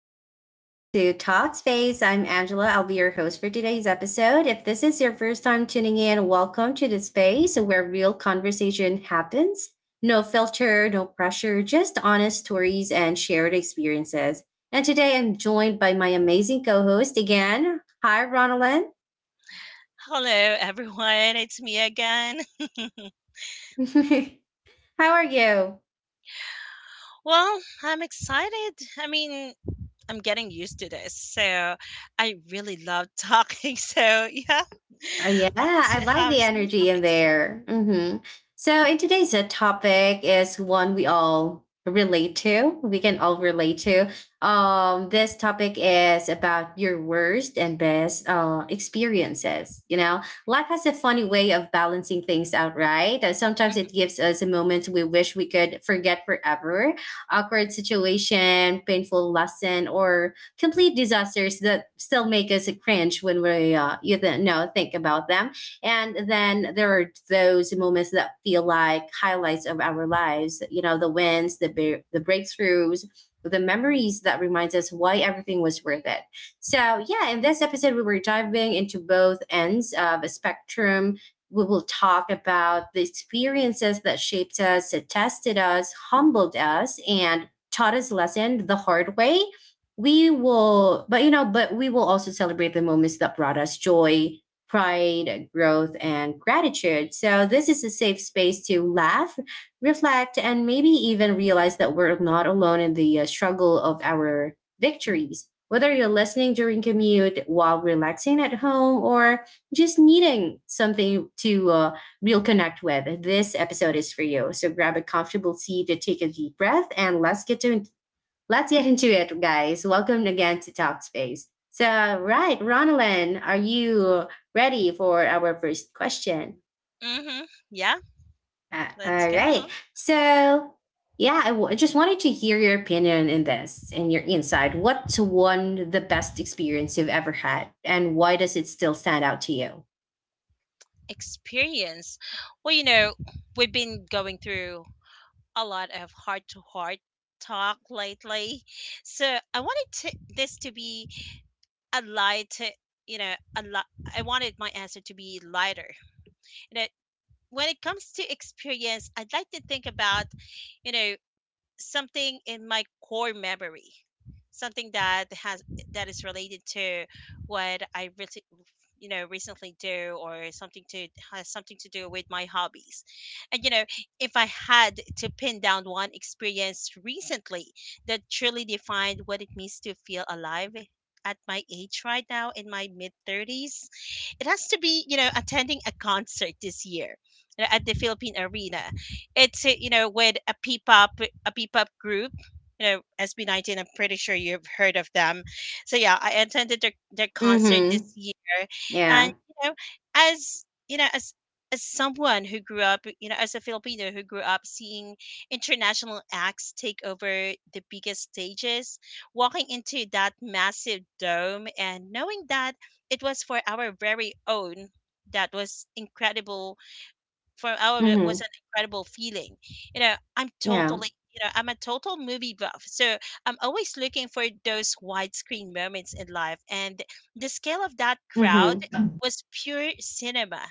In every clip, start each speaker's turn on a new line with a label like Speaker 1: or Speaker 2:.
Speaker 1: back again to Talkspace. I'm Angela. I'll be your host for today's episode. If this is your first time tuning in, welcome to the space where real conversation happens. No filter, no pressure, just honest stories and shared experiences. And today I'm joined by my amazing co host again. Hi, Ronalyn.
Speaker 2: Hello, everyone. It's me again.
Speaker 1: How are you?
Speaker 2: Well, I'm excited. I mean, I'm getting used to this. So I really love talking. So, yeah,
Speaker 1: Oh, yeah,
Speaker 2: let's
Speaker 1: I like
Speaker 2: have
Speaker 1: the
Speaker 2: some new
Speaker 1: energy in
Speaker 2: topics.
Speaker 1: there. So, in today's topic is one we all relate to. This topic is about your worst and best experiences. You know, life has a funny way of balancing things out, right? Sometimes it gives us a moment we wish we could forget forever, awkward situation, painful lesson, or complete disasters that still make us cringe when we you know think about them. And then there are those moments that feel like highlights of our lives. You know, the wins, the breakthroughs, the memories that reminds us why everything was worth it. So yeah, in this episode we were diving into both ends of a spectrum. We will talk about the experiences that shaped us, tested us, humbled us, and taught us lessons the hard way. We will but you know but we will also celebrate the moments that brought us joy, pride, growth and gratitude. So this is a safe space to laugh, reflect and maybe even realize that we're not alone in the struggle of our victories. Whether you're listening during commute, while relaxing at home or just needing something to real connect with, this episode is for you. So grab a comfortable seat, take a deep breath and let's get into it, guys. Welcome again to Talk Space. So, right, Ronalyn, are you ready for our first question?
Speaker 2: hmm hmm Yeah, let's
Speaker 1: All
Speaker 2: go.
Speaker 1: right. So, yeah, I just wanted to hear your opinion in this and your insight. What's one the best experience you've ever had, and why does it still stand out to you?
Speaker 2: Experience. Well, you know, we've been going through a lot of heart to heart talk lately. So I wanted to, this to be a light, you know, a lot. I wanted my answer to be lighter when it comes to experience, I'd like to think about, you know, something in my core memory, something that is related to what I really, you know, recently do, or something to has something to do with my hobbies. And, you know, if I had to pin down one experience recently that truly defined what it means to feel alive at my age right now in my mid 30s, it has to be, you know, attending a concert this year, you know, at the Philippine Arena. It's you know, with a p-pop, a p-pop group, you know, SB19. I'm pretty sure you've heard of them. So yeah, I attended their concert this
Speaker 1: Mm-hmm.
Speaker 2: year. And
Speaker 1: Yeah.
Speaker 2: you know, as you know as as someone who grew up, you know, as a Filipino who grew up seeing international acts take over the biggest stages, walking into that massive dome and knowing that it was for our very own, that was incredible. For our It was
Speaker 1: Mm-hmm.
Speaker 2: an incredible feeling. You know, I'm
Speaker 1: Yeah.
Speaker 2: totally, you know, I'm a total movie buff, so I'm always looking for those widescreen moments in life. And the scale of that crowd
Speaker 1: Mm-hmm.
Speaker 2: was pure cinema.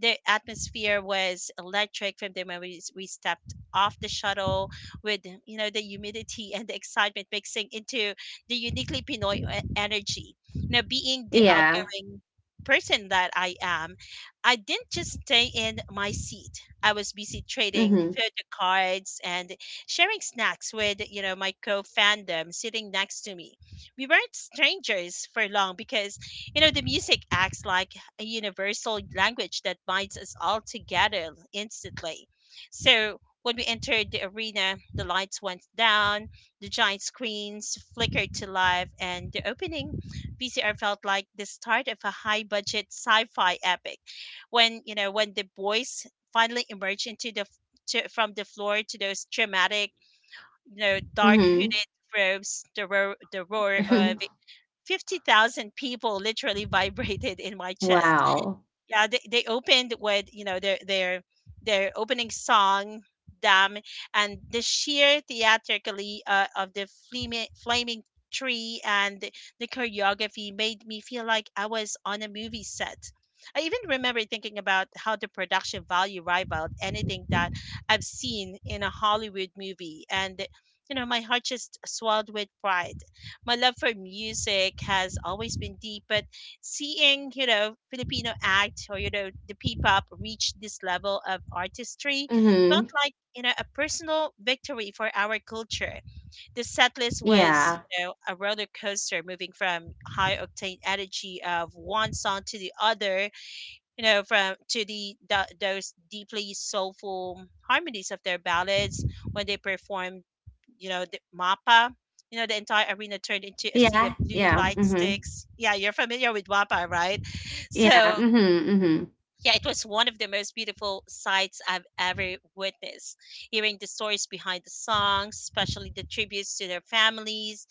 Speaker 2: The atmosphere was electric from the moment we stepped off the shuttle, with, you know, the humidity and the excitement mixing into the uniquely Pinoy energy. Now, being the
Speaker 1: Yeah.
Speaker 2: outgoing person that I am, I didn't just stay in my seat. I was busy trading
Speaker 1: Mm-hmm.
Speaker 2: photo cards and sharing snacks with, you know, my co-fandom sitting next to me. We weren't strangers for long because, you know, the music acts like a universal language that binds us all together instantly. So when we entered the arena, the lights went down, the giant screens flickered to life, and the opening VCR felt like the start of a high budget sci fi epic when, you know when the boys finally emerge into the from the floor to those dramatic, you know, dark
Speaker 1: Mm-hmm.
Speaker 2: hooded robes, the roar of 50,000 people literally vibrated in my chest.
Speaker 1: Wow.
Speaker 2: Yeah, they opened with, you know, their opening song, damn. And the sheer theatrically of the flaming tree and the choreography made me feel like I was on a movie set. I even remember thinking about how the production value rivaled anything that I've seen in a Hollywood movie. And you know, my heart just swelled with pride. My love for music has always been deep, but seeing, you know, Filipino acts, or you know, the P-pop reach this level of artistry, felt
Speaker 1: Mm-hmm.
Speaker 2: like, you know, a personal victory for our culture. The setlist was,
Speaker 1: Yeah.
Speaker 2: you know, a roller coaster, moving from high octane energy of one song to the other, you know, from to the those deeply soulful harmonies of their ballads. When they performed, you know, the MAPA, you know, the entire arena turned into a sea
Speaker 1: Yeah,
Speaker 2: of blue
Speaker 1: yeah,
Speaker 2: light
Speaker 1: mhm.
Speaker 2: sticks. Yeah, you're familiar with WAPA, right?
Speaker 1: Yeah,
Speaker 2: So,
Speaker 1: mhm, mhm.
Speaker 2: yeah, it was one of the most beautiful sights I've ever witnessed. Hearing the stories behind the songs, especially the tributes to their families,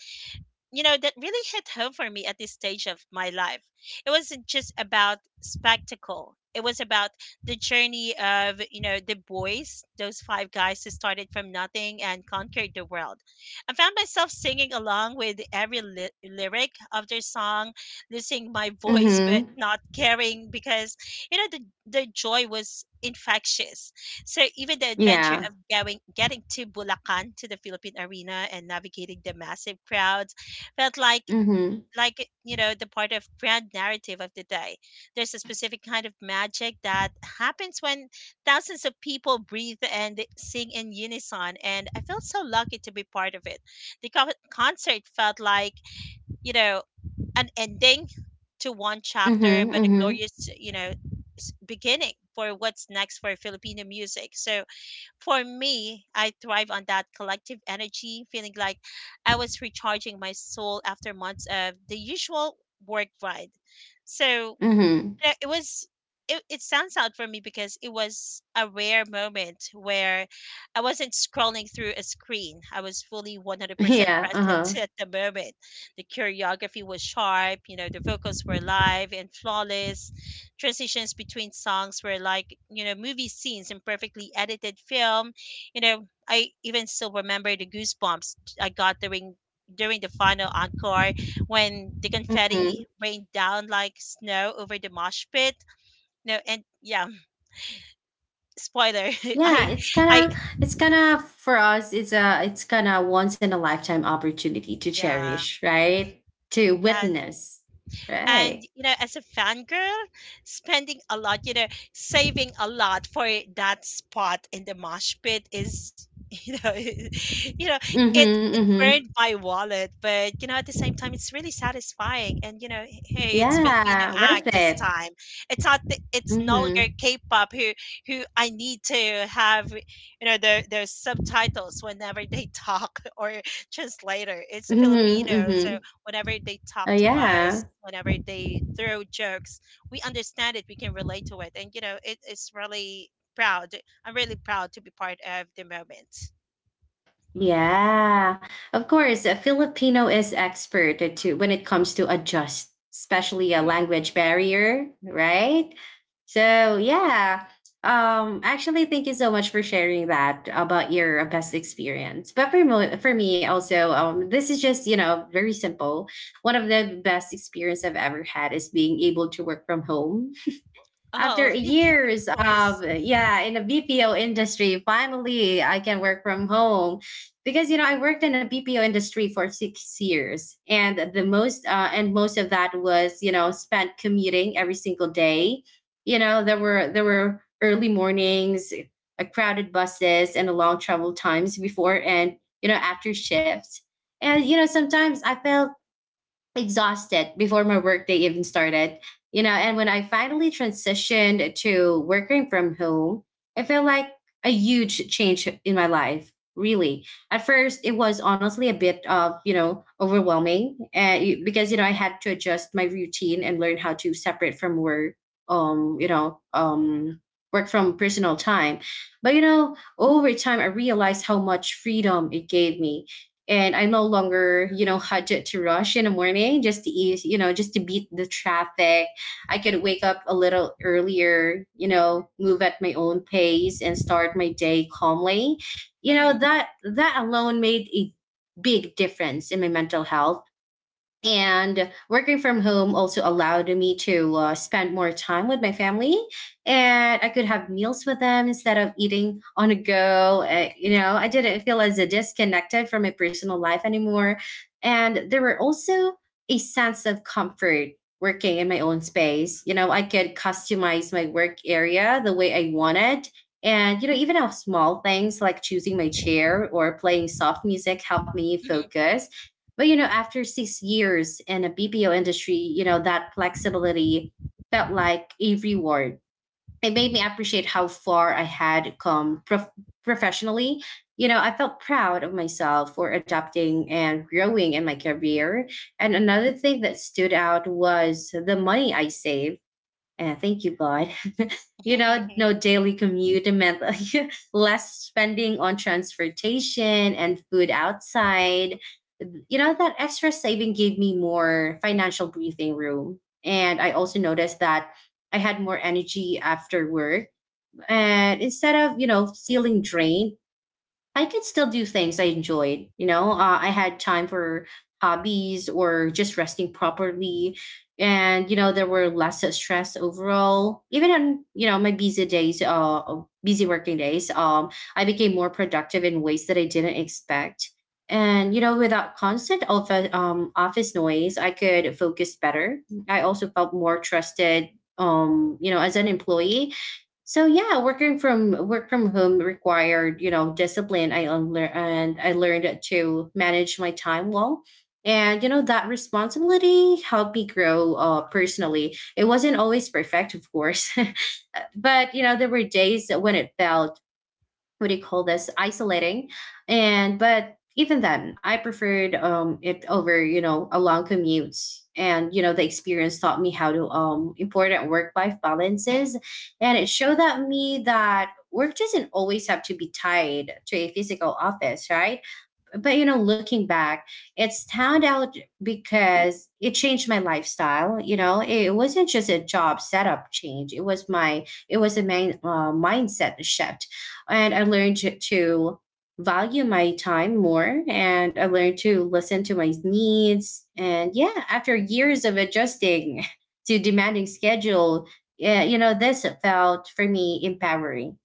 Speaker 2: you know, that really hit home for me at this stage of my life. It wasn't just about spectacle, it was about the journey of, you know, the boys, those five guys who started from nothing and conquered the world. I found myself singing along with every lyric of their song, losing my voice but
Speaker 1: Mhm.
Speaker 2: not caring because, you know, the joy was infectious. So even the adventure
Speaker 1: Yeah.
Speaker 2: of going getting to Bulacan to the Philippine Arena and navigating the massive crowds felt like,
Speaker 1: Mhm.
Speaker 2: you know, the part of grand narrative of the day. There's a specific kind of magic that happens when thousands of people breathe and sing in unison, and I felt so lucky to be part of it. The concert felt like, you know, an ending to one
Speaker 1: Mhm,
Speaker 2: chapter but a
Speaker 1: mhm,
Speaker 2: glorious, you know, beginning for what's next for Filipino music. So for me, I thrive on that collective energy, feeling like I was recharging my soul after months of the usual work grind. So
Speaker 1: mhm.
Speaker 2: it was, it stands out for me because it was a rare moment where I wasn't scrolling through a screen. I was fully 100%
Speaker 1: Yeah,
Speaker 2: present
Speaker 1: uh-huh.
Speaker 2: at the moment. The choreography was sharp, you know, the vocals were live and flawless. Transitions between songs were like, you know, movie scenes in perfectly edited film. You know, I even still remember the goosebumps I got during the final encore when the confetti
Speaker 1: Mhm.
Speaker 2: rained down like snow over the mosh pit. No, and yeah, spoiler. I,
Speaker 1: Yeah, it's
Speaker 2: I,
Speaker 1: kinda, for us, it's a it's kinda once in a lifetime opportunity to
Speaker 2: yeah,
Speaker 1: cherish, right? To
Speaker 2: yeah.
Speaker 1: witness.
Speaker 2: And
Speaker 1: Right.
Speaker 2: you know, as a fangirl, spending a lot you know saving a lot for that spot in the mosh pit is, you know, you know,
Speaker 1: Mhm,
Speaker 2: it
Speaker 1: mhm.
Speaker 2: burned my wallet, but you know, at the same time it's really satisfying. And you know, hey, it's Filipino
Speaker 1: Yeah,
Speaker 2: act
Speaker 1: worth
Speaker 2: this
Speaker 1: it.
Speaker 2: time. It's not the, It's no longer
Speaker 1: Mhm.
Speaker 2: k-pop, who, I need to have, you know, their subtitles whenever they talk, or translator. It's a
Speaker 1: Mhm,
Speaker 2: Filipino,
Speaker 1: mhm.
Speaker 2: so whenever they
Speaker 1: Oh
Speaker 2: talk to us,
Speaker 1: yeah.
Speaker 2: whenever they throw jokes, we understand it, we can relate to it. And, you know, it's really proud. I'm really proud to be part of the moment.
Speaker 1: Yeah, of course. Filipino is expert to when it comes to adjust, especially a
Speaker 2: Mhm.
Speaker 1: language barrier, right? So yeah. Actually, thank you so much for sharing that about your best experience. But for me also, this is just you know very simple. One of the best experience I've ever had is being able to work from home after
Speaker 2: Oh,
Speaker 1: years
Speaker 2: of course.
Speaker 1: of yeah in a BPO industry, finally I can work from home, because you know I worked in a BPO industry for six years, and the most and most of that was you know spent commuting every single day. You know there were early mornings, crowded buses, and long travel times before and you know after shifts. And you know sometimes I felt exhausted before my workday even started. You know, and when I finally transitioned to working from home, it felt like a huge change in my life. Really, at first, it was honestly a bit of you know overwhelming, and because you know I had to adjust my routine and learn how to separate from work, um, you know, um, work from personal time. But you know, over time, I realized how much freedom it gave me, and I no longer, you know, budget to rush in the morning just to ease, you know, just to beat the traffic. I could wake up a little earlier, you know, move at my own pace and start my day calmly. You know,
Speaker 2: hmm
Speaker 1: that alone made a big difference in my mental health. And working from home also allowed me to spend more time with my family, and I could have meals with them instead of eating on a go. You know, I didn't feel as disconnected from my personal life anymore. And there were also a sense of comfort working in my own space. You know, I could customize my work area the way I wanted. And, you know, even how small things like choosing my chair or playing soft music helped me focus. But you know, after six years in a BPO industry, you know, that flexibility felt like a reward. It made me appreciate how far I had come professionally. You know, I felt proud of myself for adapting and growing in my career. And another thing that stood out was the money I saved. And thank you, God, you know, no daily commute, it meant less spending on transportation and food outside. You know, that extra saving gave me more financial breathing room. And I also noticed that I had more energy after work. And instead of, you know, feeling drained, I could still do things I enjoyed. You know, I had time for hobbies or just resting properly. And, you know, there were less stress overall. Even on, you know, my busy days, busy working days, I became more productive in ways that I didn't expect. And, you know, without constant office, office noise, I could focus better. I also felt more trusted, you know, as an employee. So yeah, work from home required, you know, discipline. I unlearned and I learned to manage my time well. And you know, that responsibility helped me grow personally. It wasn't always perfect, of course. But you know, there were days when it felt, what do you call this, isolating. And but even then I preferred, um, it over you know a long commute. And you know the experience taught me how to important work life balances, and it showed that me that work doesn't always have to be tied to a physical office, right? But you know, looking back, it's turned out, because it changed my lifestyle. You know, it wasn't just a job setup change, it was a main mindset shift. And I learned to value my time more, and I learned to listen to my needs. And yeah, after years of adjusting to demanding schedule, yeah, you know, this felt for me empowering.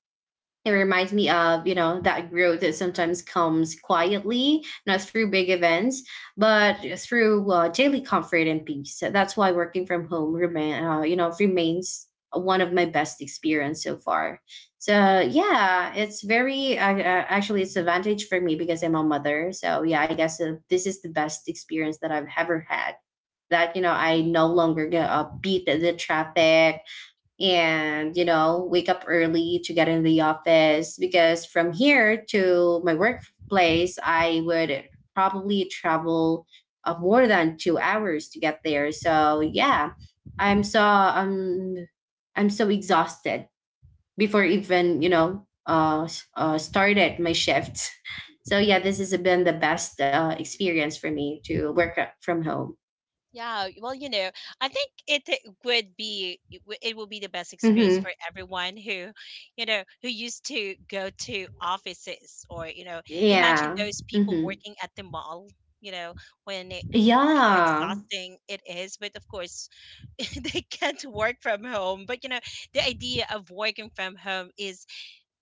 Speaker 1: It reminds me
Speaker 2: hmm
Speaker 1: of, you know, that growth that sometimes comes quietly, not through big events, but through daily comfort and peace. So that's why working from home remains one of my best experience so far. So yeah, it's very actually it's advantage for me because I'm a mother. So yeah, I guess this is the best experience that I've ever had. That you know, I no longer get beat the traffic and you know wake up early to get in the office, because from here to my workplace I would probably travel more than two hours to get there. So yeah, i'm so um I'm so exhausted before even you know started my shift. So yeah, this has been the best experience for me to work from home.
Speaker 2: Yeah, well, you know, I think it would be it will be the best experience
Speaker 1: Hmm
Speaker 2: for everyone who, you know, who used to go to offices, or, you know, imagine
Speaker 1: Yeah.
Speaker 2: those people
Speaker 1: hmm
Speaker 2: working at the mall, you know, when it, how
Speaker 1: Yeah.
Speaker 2: exhausting it is. But of course, they can't work from home. But you know, the idea of working from home is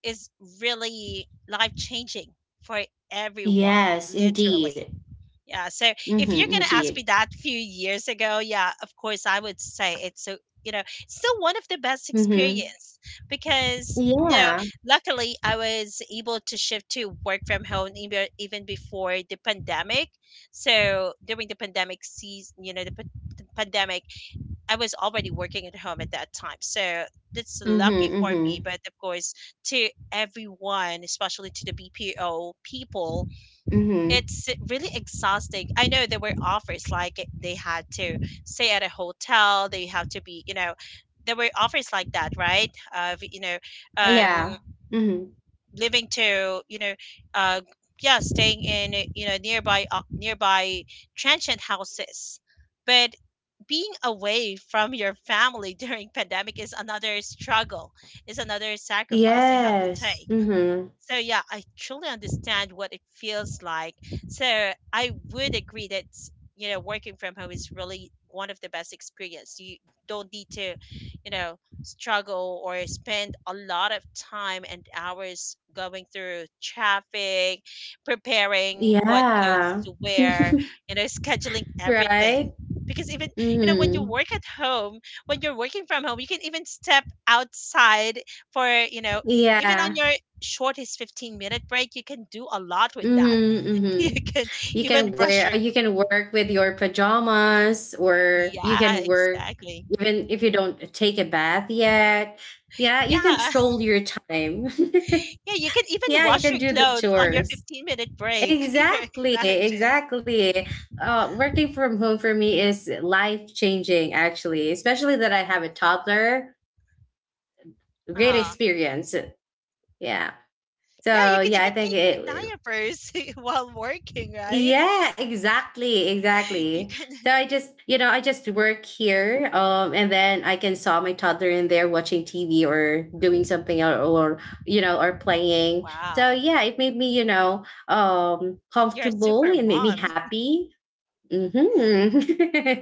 Speaker 2: is really life changing for everyone,
Speaker 1: Yes,
Speaker 2: literally.
Speaker 1: indeed.
Speaker 2: Yeah. So if
Speaker 1: Mm-hmm,
Speaker 2: you're gonna ask
Speaker 1: indeed.
Speaker 2: me that few years ago, yeah, of course I would say it's a, you know, still one of the best
Speaker 1: Mm-hmm.
Speaker 2: experience, because you know,
Speaker 1: Yeah.
Speaker 2: luckily I was able to shift to work from home, even before the pandemic. So during the pandemic season, you know, the pandemic, I was already working at home at that time. So that's
Speaker 1: Mm-hmm,
Speaker 2: lucky for
Speaker 1: mm-hmm,
Speaker 2: me. But of course, to everyone, especially to the BPO people,
Speaker 1: mm-hmm.
Speaker 2: it's really exhausting. I know there were offers like they had to stay at a hotel, they have to be, you know, there were offers like that, right? Of, you know, um,
Speaker 1: Yeah. Mm-hmm.
Speaker 2: living to, you know, uh, yeah, staying in, you know, nearby, nearby transient houses. But being away from your family during pandemic is another struggle, is another sacrifice they have to
Speaker 1: Yes.
Speaker 2: take.
Speaker 1: Mm-hmm.
Speaker 2: So yeah, I truly understand what it feels like. So I would agree that, you know, working from home is really one of the best experience. You don't need to, you know, struggle or spend a lot of time and hours going through traffic, preparing what clothes
Speaker 1: Yeah.
Speaker 2: to wear, you know, scheduling
Speaker 1: Right?
Speaker 2: everything. Because even, you know, when you
Speaker 1: Mm-hmm.
Speaker 2: work at home, when you're working from home, you can even step outside for, you know, even on
Speaker 1: Yeah.
Speaker 2: your shortest 15-minute break, you can do a lot with that.
Speaker 1: Mm-hmm,
Speaker 2: You
Speaker 1: mm-hmm.
Speaker 2: can
Speaker 1: You can
Speaker 2: even brush
Speaker 1: wear,
Speaker 2: your,
Speaker 1: you can work with your pajamas, or you
Speaker 2: yeah,
Speaker 1: can work
Speaker 2: exactly.
Speaker 1: even if you don't take a bath yet. Yeah, you
Speaker 2: Yeah.
Speaker 1: control your time.
Speaker 2: Yeah, you can even
Speaker 1: Yeah, you
Speaker 2: wash
Speaker 1: can
Speaker 2: your
Speaker 1: do the
Speaker 2: clothes on your
Speaker 1: chores.
Speaker 2: 15-minute break. Yeah,
Speaker 1: Exactly,
Speaker 2: imagine.
Speaker 1: exactly. Working from home for me is life changing, actually, especially that I have a toddler. Great
Speaker 2: Uh,
Speaker 1: experience. Yeah.
Speaker 2: yeah, you
Speaker 1: So,
Speaker 2: can
Speaker 1: yeah,
Speaker 2: even change diapers while working, right?
Speaker 1: yeah, exactly, exactly.
Speaker 2: You can,
Speaker 1: So I just, you know, I just work here, and then I can saw my toddler in there watching TV or doing something, or you know, or playing. So
Speaker 2: wow.
Speaker 1: yeah, it made me, you know,
Speaker 2: You're a
Speaker 1: comfortable.
Speaker 2: super
Speaker 1: It made me
Speaker 2: mom.
Speaker 1: happy. Hmm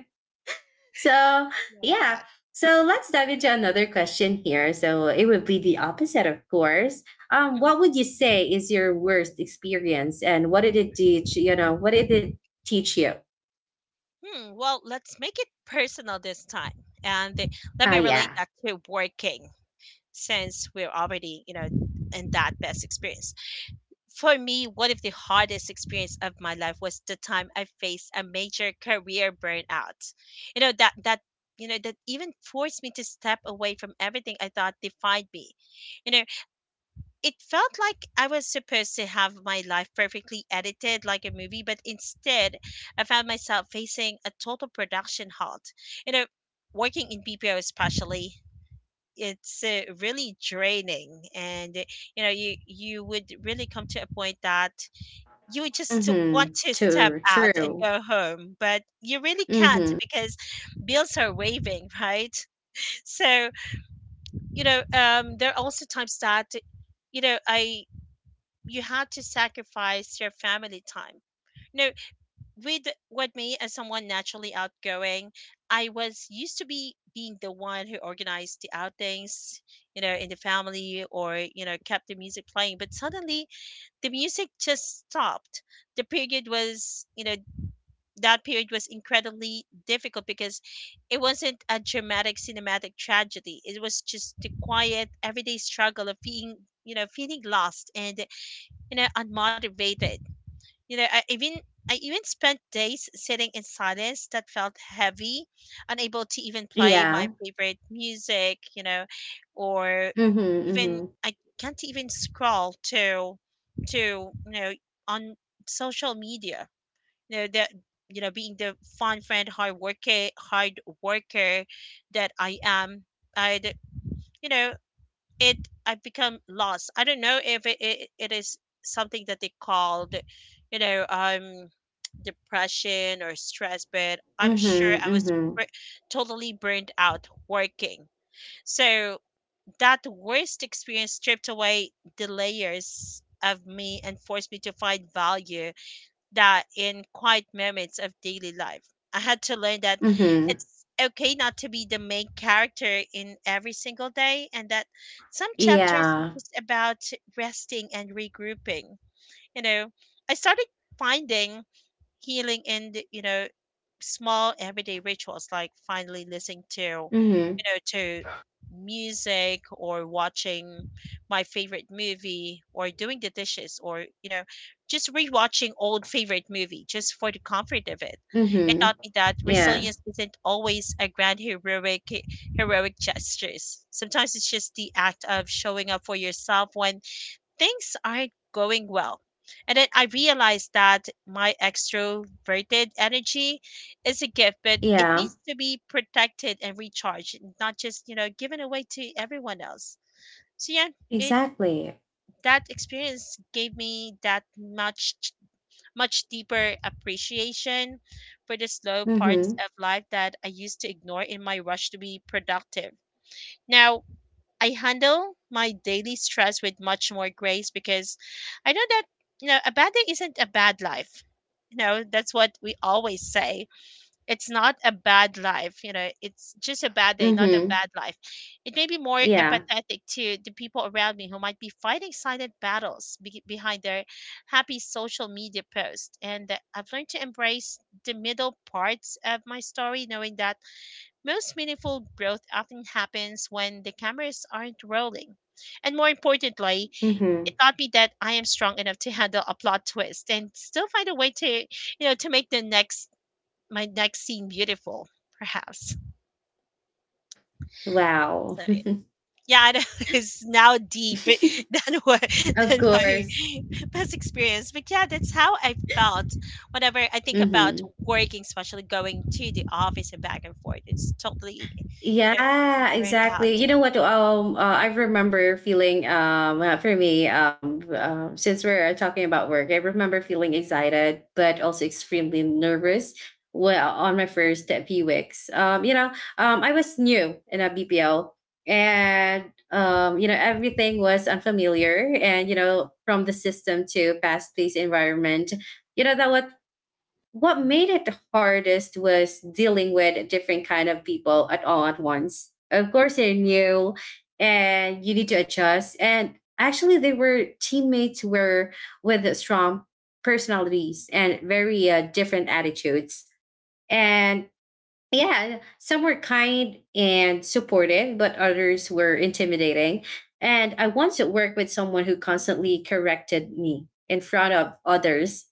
Speaker 1: So,
Speaker 2: Love
Speaker 1: yeah.
Speaker 2: that.
Speaker 1: So let's dive into another question here. So it would be the opposite, of course.
Speaker 2: Mhm.
Speaker 1: What would you say is your worst experience, and what did it teach? You know, what did it teach you?
Speaker 2: Hmm, well, let's make it personal this time. And let
Speaker 1: Ah,
Speaker 2: me relate
Speaker 1: yeah.
Speaker 2: that to working, since we're already, you know, in that best experience. For me, one of the hardest experience of my life was the time I faced a major career burnout. You know, that that you know that even forced me to step away from everything I thought defined me. You know, it felt like I was supposed to have my life perfectly edited like a movie, but instead I found myself facing a total production halt. You know, working in BPO especially, it's really draining and you would really come to a point that you would just want
Speaker 1: Mm-hmm.
Speaker 2: to step
Speaker 1: True.
Speaker 2: out and
Speaker 1: True.
Speaker 2: go home, but you really can't
Speaker 1: Mm-hmm.
Speaker 2: because bills are waving, right? So there are also times that you know I you had to sacrifice your family time. No, with with me as someone naturally outgoing, I was used to be being the one who organized the outings, in the family or kept the music playing. But suddenly the music just stopped. The period was, you know, that period was incredibly difficult because it wasn't a dramatic cinematic tragedy. It was just the quiet everyday struggle of being feeling lost and unmotivated. you know, I even I even spent days sitting in silence that felt heavy, unable to even play my
Speaker 1: Yeah.
Speaker 2: favorite music, or
Speaker 1: Mm-hmm.
Speaker 2: even
Speaker 1: Mm-hmm.
Speaker 2: I can't even scroll to to you know on social media. You know that you know being the fun friend, hard worker, that I am, I would you know it I've become lost. I don't know if it is something that they called, you know, um, depression or stress, but I'm sure I
Speaker 1: Mm-hmm.
Speaker 2: was
Speaker 1: Mm-hmm.
Speaker 2: totally burned out working. So that worst experience stripped away the layers of me and forced me to find value that in quiet moments of daily life. I had to learn that
Speaker 1: Mm-hmm.
Speaker 2: it's okay not to be the main character in every single day, and that some chapters are
Speaker 1: Yeah.
Speaker 2: just about resting and regrouping. You know, I started finding healing in the, you know small everyday rituals, like finally listening to you
Speaker 1: Mm-hmm.
Speaker 2: know to music, or watching my favorite movie, or doing the dishes, or just rewatching old favorite movie just for the comfort of it. It taught
Speaker 1: Mm-hmm.
Speaker 2: me that
Speaker 1: Yeah.
Speaker 2: resilience isn't always a grand heroic gestures. Sometimes it's just the act of showing up for yourself when things aren't going well. And then I realized that my extroverted energy is a gift, but it
Speaker 1: Yeah.
Speaker 2: needs to be protected and recharged, and not just, given away to everyone else. So yeah, it
Speaker 1: Exactly.
Speaker 2: that experience gave me that much deeper appreciation for the slow parts
Speaker 1: Mm-hmm.
Speaker 2: of life that I used to ignore in my rush to be productive. Now, I handle my daily stress with much more grace because I know that a bad day isn't a bad life. That's what we always say. It's not a bad life, it's just a bad day, not a
Speaker 1: Mm-hmm.
Speaker 2: bad life. It may be more
Speaker 1: Yeah.
Speaker 2: empathetic to the people around me who might be fighting silent battles behind their happy social media post. And I've learned to embrace the middle parts of my story, knowing that most meaningful growth often happens when the cameras aren't rolling. And more importantly, it
Speaker 1: Mhm.
Speaker 2: taught me that I am strong enough to handle a plot twist and still find a way to, make the next my next scene beautiful, perhaps.
Speaker 1: Wow.
Speaker 2: So yeah. Yeah, I know, it's now deep than what
Speaker 1: Of
Speaker 2: than my
Speaker 1: course.
Speaker 2: past experience. But yeah, that's how I felt whenever I think about
Speaker 1: Mhm.
Speaker 2: working, especially going to the office and back and forth. It's totally, you know,
Speaker 1: Yeah,
Speaker 2: burn out.
Speaker 1: exactly. You know what? I remember feeling. For me, since we're talking about work, I remember feeling excited, but also extremely nervous. Well, on my first few weeks, I was new in a BPL, and everything was unfamiliar, and from the system to fast-paced environment, you know that what made it the hardest was dealing with different kind of people at all at once. Of course they're new and you need to adjust, and actually they were teammates were with strong personalities and very different attitudes. And yeah, some were kind and supportive, but others were intimidating. And I once worked with someone who constantly corrected me in front of others.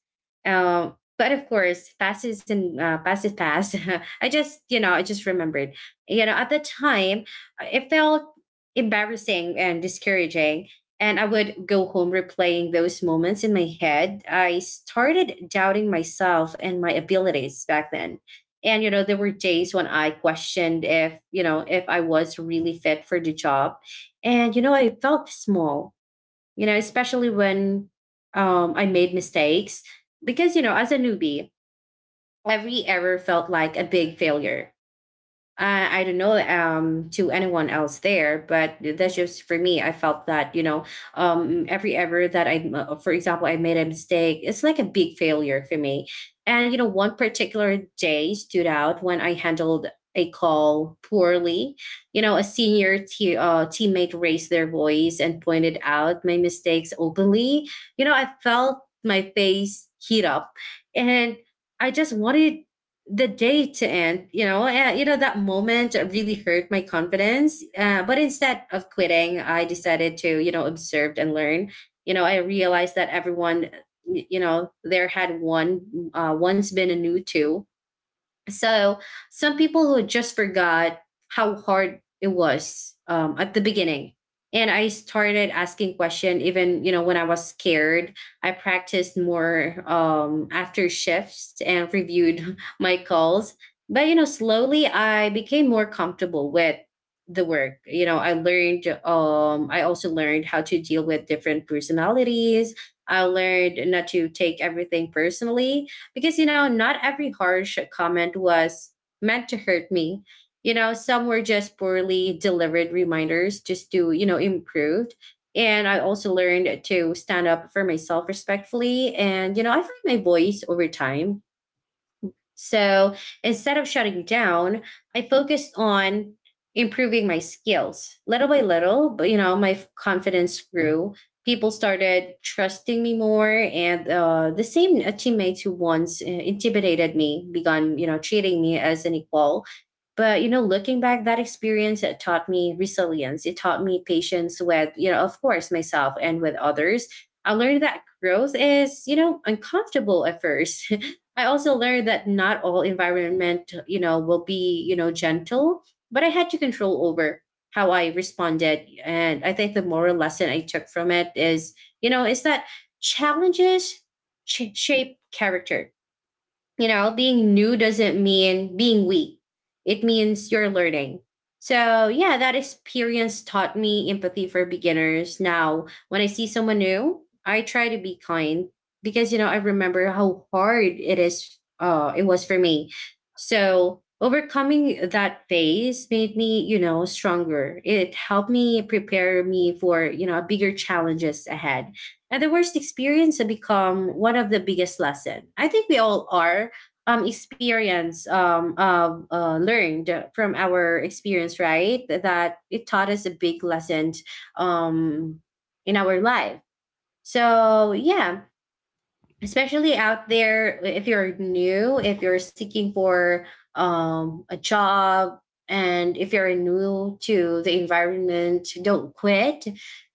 Speaker 1: Um, but of course, pass is pass. I just, I just remembered. You know, at the time, it felt embarrassing and discouraging. And I would go home replaying those moments in my head. I started doubting myself and my abilities back then, and, you know, there were days when I questioned if, you know, if I was really fit for the job. And, you know, I felt small, you know, especially when I made mistakes, because, you know, as a newbie, every error felt like a big failure. I don't know, to anyone else there, but that's just for me. I felt that, every ever that I, for example, I made a mistake, it's like a big failure for me. And, you know, one particular day stood out when I handled a call poorly. You know, a senior teammate raised their voice and pointed out my mistakes openly. You know, I felt my face heat up, and I just wanted the day to end, you know that moment really hurt my confidence. But instead of quitting, I decided to, you know, observe and learn. You know, I realized that everyone, you know, there had one once been a new two, so some people who just forgot how hard it was at the beginning. And I started asking question even, you know, when I was scared. I practiced more after shifts and reviewed my calls. But, you know, slowly I became more comfortable with the work. You know, I learned, I also learned how to deal with different personalities. I learned not to take everything personally because, you know, not every harsh comment was meant to hurt me. You know, some were just poorly delivered reminders just to, you know, improve. And I also learned to stand up for myself respectfully. And, you know, I found my voice over time, so instead of shutting down, I focused on improving my skills little by little, but you know, confidence grew. People started trusting me more, and the same teammates who once intimidated me began, you know, treating me as an equal. But you know, looking back, that experience it taught me resilience. It taught me patience with, you know, of course, myself and with others. I learned that growth is, you know, uncomfortable at first. I also learned that not all environment, you know, will be, you know, gentle, but I had to control over how I responded. And I think the moral lesson I took from it is, you know, is that challenges shape character. You know, being new doesn't mean being weak. It means you're learning. So, yeah, that experience taught me empathy for beginners. Now, when I see someone new, I try to be kind because, you know, I remember how hard it was for me. So, overcoming that phase made me, you know, stronger. It helped me prepare me for, you know, bigger challenges ahead. And the worst experience have become one of the biggest lesson. I think we all are experience learned from our experience, right? That it taught us a big lesson um in our life. So yeah, especially out there, if you're new, if you're seeking for a job, and if you're new to the environment, don't quit.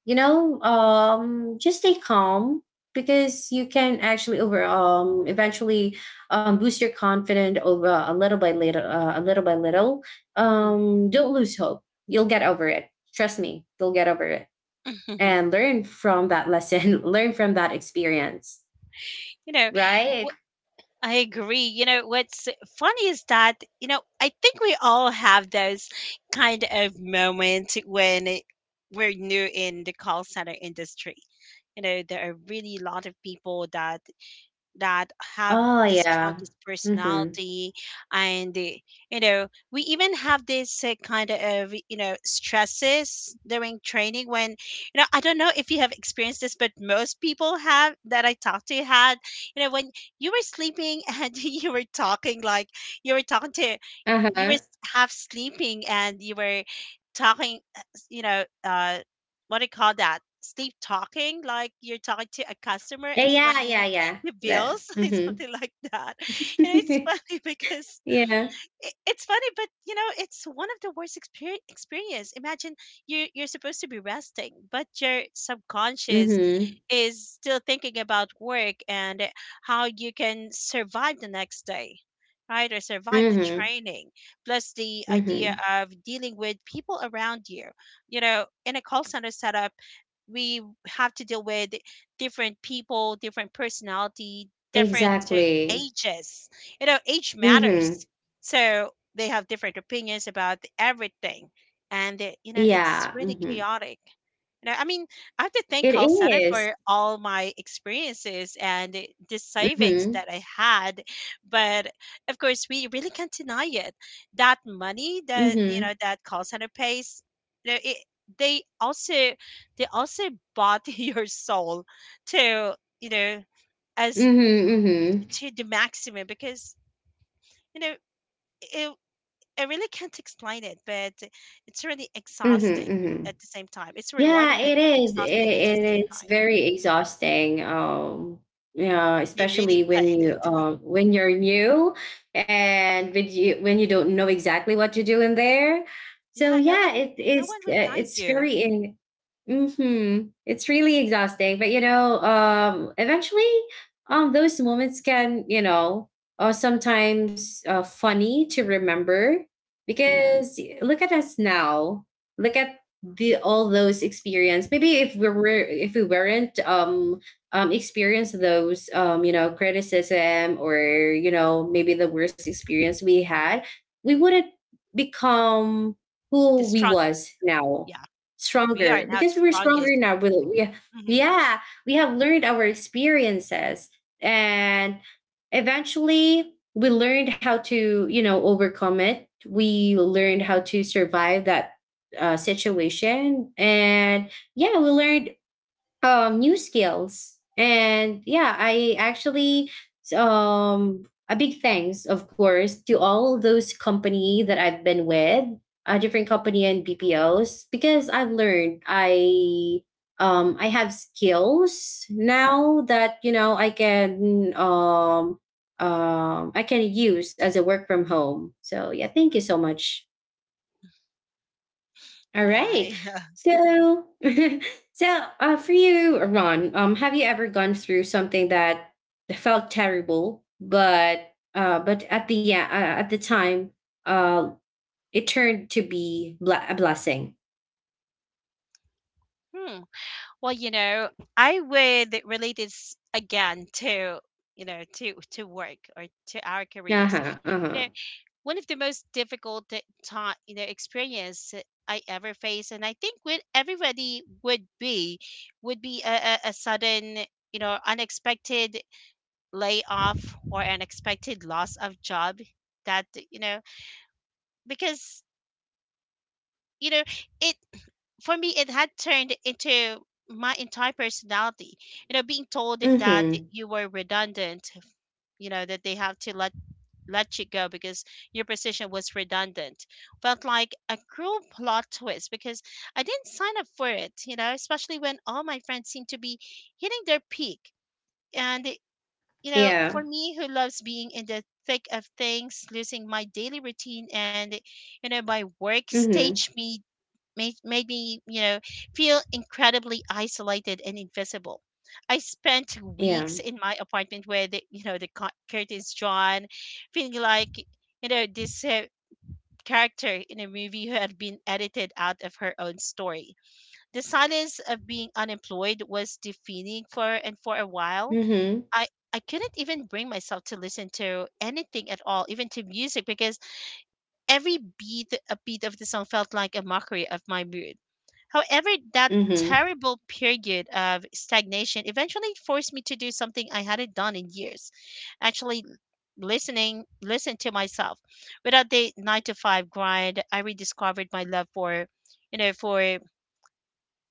Speaker 1: Just stay calm, because you can actually over eventually boost your confidence over a little by little, a little by little.
Speaker 2: Mm.
Speaker 1: Don't lose hope, you'll get over it, trust me, you'll get over it and learn from that lesson. Learn from that experience,
Speaker 2: you know,
Speaker 1: right?
Speaker 2: wh- I agree. What's funny is that, I think we all have those kind of moments when we're new in the call center industry. There are really a lot of people that have
Speaker 1: Oh,
Speaker 2: the
Speaker 1: yeah.
Speaker 2: strongest
Speaker 1: Mhm.
Speaker 2: personality, and we even have this kind of stresses during training, when I don't know if you have experienced this, but most people have that I talked to had, when you were sleeping and you were talking, like you were talking to you were
Speaker 1: Uh-huh.
Speaker 2: s- half sleeping, and you were talking, what do you call that, sleep talking, like you're talking to a customer
Speaker 1: Yeah,
Speaker 2: explaining
Speaker 1: yeah, yeah.
Speaker 2: the bills or something like that, it's
Speaker 1: Mhm.
Speaker 2: funny because
Speaker 1: Yeah.
Speaker 2: I it's funny, but, it's one of the worst experience. Imagine, you're supposed to be resting, but your subconscious
Speaker 1: Mhm.
Speaker 2: is still thinking about work and how you can survive the next day, right? Or survive the
Speaker 1: Mhm.
Speaker 2: training, plus the idea
Speaker 1: Mhm.
Speaker 2: of dealing with people around you. In a call center setup, we have to deal with different people, different personality, different
Speaker 1: Exactly.
Speaker 2: ages. Age
Speaker 1: Mhm.
Speaker 2: matters, so they have different opinions about everything, and it's
Speaker 1: Yeah.
Speaker 2: really
Speaker 1: Mhm.
Speaker 2: chaotic. I mean, I have to thank
Speaker 1: It
Speaker 2: call center
Speaker 1: is.
Speaker 2: for all my experiences, and the savings
Speaker 1: Mhm.
Speaker 2: that I had. But of course, we really can't deny it. That money that
Speaker 1: Mhm.
Speaker 2: that call center pays, it, they also they also bought your soul to, you know as
Speaker 1: Mhm. Mhm.
Speaker 2: to the maximum, because you know it, I really can't explain it, but it's really
Speaker 1: Mhm.
Speaker 2: exhausting
Speaker 1: Mhm.
Speaker 2: at the same time. It's
Speaker 1: Yeah,
Speaker 2: rewarding, but
Speaker 1: it is. It,
Speaker 2: exhausting at the same
Speaker 1: it is
Speaker 2: time.
Speaker 1: very exhausting. Yeah,
Speaker 2: They really
Speaker 1: especially when
Speaker 2: paid
Speaker 1: you
Speaker 2: it.
Speaker 1: when you're new and when you don't know exactly what to do in there. So
Speaker 2: Yeah,
Speaker 1: yeah, it
Speaker 2: no
Speaker 1: is.
Speaker 2: one would guide
Speaker 1: It's
Speaker 2: you.
Speaker 1: very in. Mm-hmm. It's really exhausting, but you know, eventually, those moments can you know, are sometimes funny to remember, because look at us now. Look at the all those experience. Maybe if we were if we weren't experience those you know criticism, or you know maybe the worst experience we had, we wouldn't become
Speaker 2: The
Speaker 1: who we
Speaker 2: strong,
Speaker 1: was now.
Speaker 2: yeah, we are
Speaker 1: Stronger,
Speaker 2: now the
Speaker 1: because we were stronger
Speaker 2: strongest.
Speaker 1: now. We
Speaker 2: Mhm.
Speaker 1: yeah we have learned our experiences. And eventually we learned how to, you know, overcome it. We learned how to survive that situation. And yeah, we learned new skills. And yeah, I actually um a big thanks of course to all those company that I've been with, a different company and BPOs, because I've learned. I have skills now that you know I can I can use as a work from home. So yeah, thank you so much. All
Speaker 2: Yeah,
Speaker 1: right.
Speaker 2: yeah.
Speaker 1: So, so for you, Ron, have you ever gone through something that felt terrible, but at the time, uh, it turned to be a blessing.
Speaker 2: Hmm. Well, I would relate this again to to work, or to our
Speaker 1: Uh
Speaker 2: careers.
Speaker 1: huh. Uh huh.
Speaker 2: You know, One of the most difficult t- time you know experience I ever faced, and I think with everybody, would be would be a, a sudden, unexpected layoff, or unexpected loss of job. That you know Because you know it for me, it had turned into my entire personality, you know being told
Speaker 1: Mm
Speaker 2: that
Speaker 1: hmm.
Speaker 2: you were redundant, that they have to let you go because your position was redundant. Felt like a cruel plot twist because I didn't sign up for it, you know, especially when all my friends seemed to be hitting their peak. And, it- you know, For
Speaker 1: Yeah.
Speaker 2: me, who loves being in the thick of things, losing my daily routine and, my work
Speaker 1: Mm hmm.
Speaker 2: staged me, made me, feel incredibly isolated and invisible. I spent
Speaker 1: Yeah.
Speaker 2: weeks in my apartment where the curtains drawn, feeling like, this character in a movie who had been edited out of her own story. The silence of being unemployed was deafening for a while.
Speaker 1: Mm
Speaker 2: I I couldn't even bring myself to listen to anything at all, even to music, because every beat a beat of the song felt like a mockery of my mood. However,
Speaker 1: hmm.
Speaker 2: that
Speaker 1: Mm hmm.
Speaker 2: terrible period of stagnation eventually forced me to do something I hadn't done in years. Actually, listen to myself. Without the 9 to 5 grind, I rediscovered my love for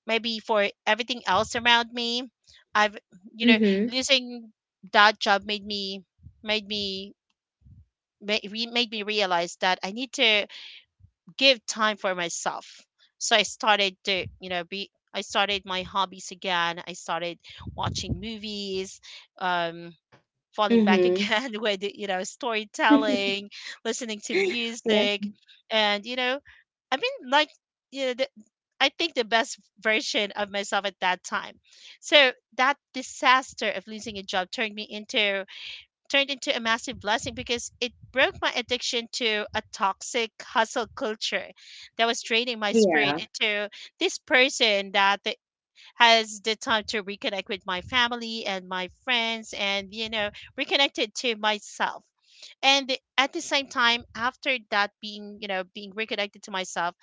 Speaker 2: maybe for everything else around me. I've, you
Speaker 1: Mm
Speaker 2: know,
Speaker 1: hmm.
Speaker 2: Losing that job made me made me realize that I need to give time for myself. So I started to, you know, be I started my hobbies again. I started watching movies, um, falling back
Speaker 1: Mm
Speaker 2: again with,
Speaker 1: hmm.
Speaker 2: storytelling, listening to
Speaker 1: Yeah.
Speaker 2: music. And, I mean, like, you know, the, I think the best version of myself at that time. So that disaster of losing a job turned into a massive blessing because it broke my addiction to a toxic hustle culture that was draining my spirit
Speaker 1: Yeah.
Speaker 2: into this person that has the time to reconnect with my family and my friends and, you know, reconnected to myself. And at the same time, after that being reconnected to myself,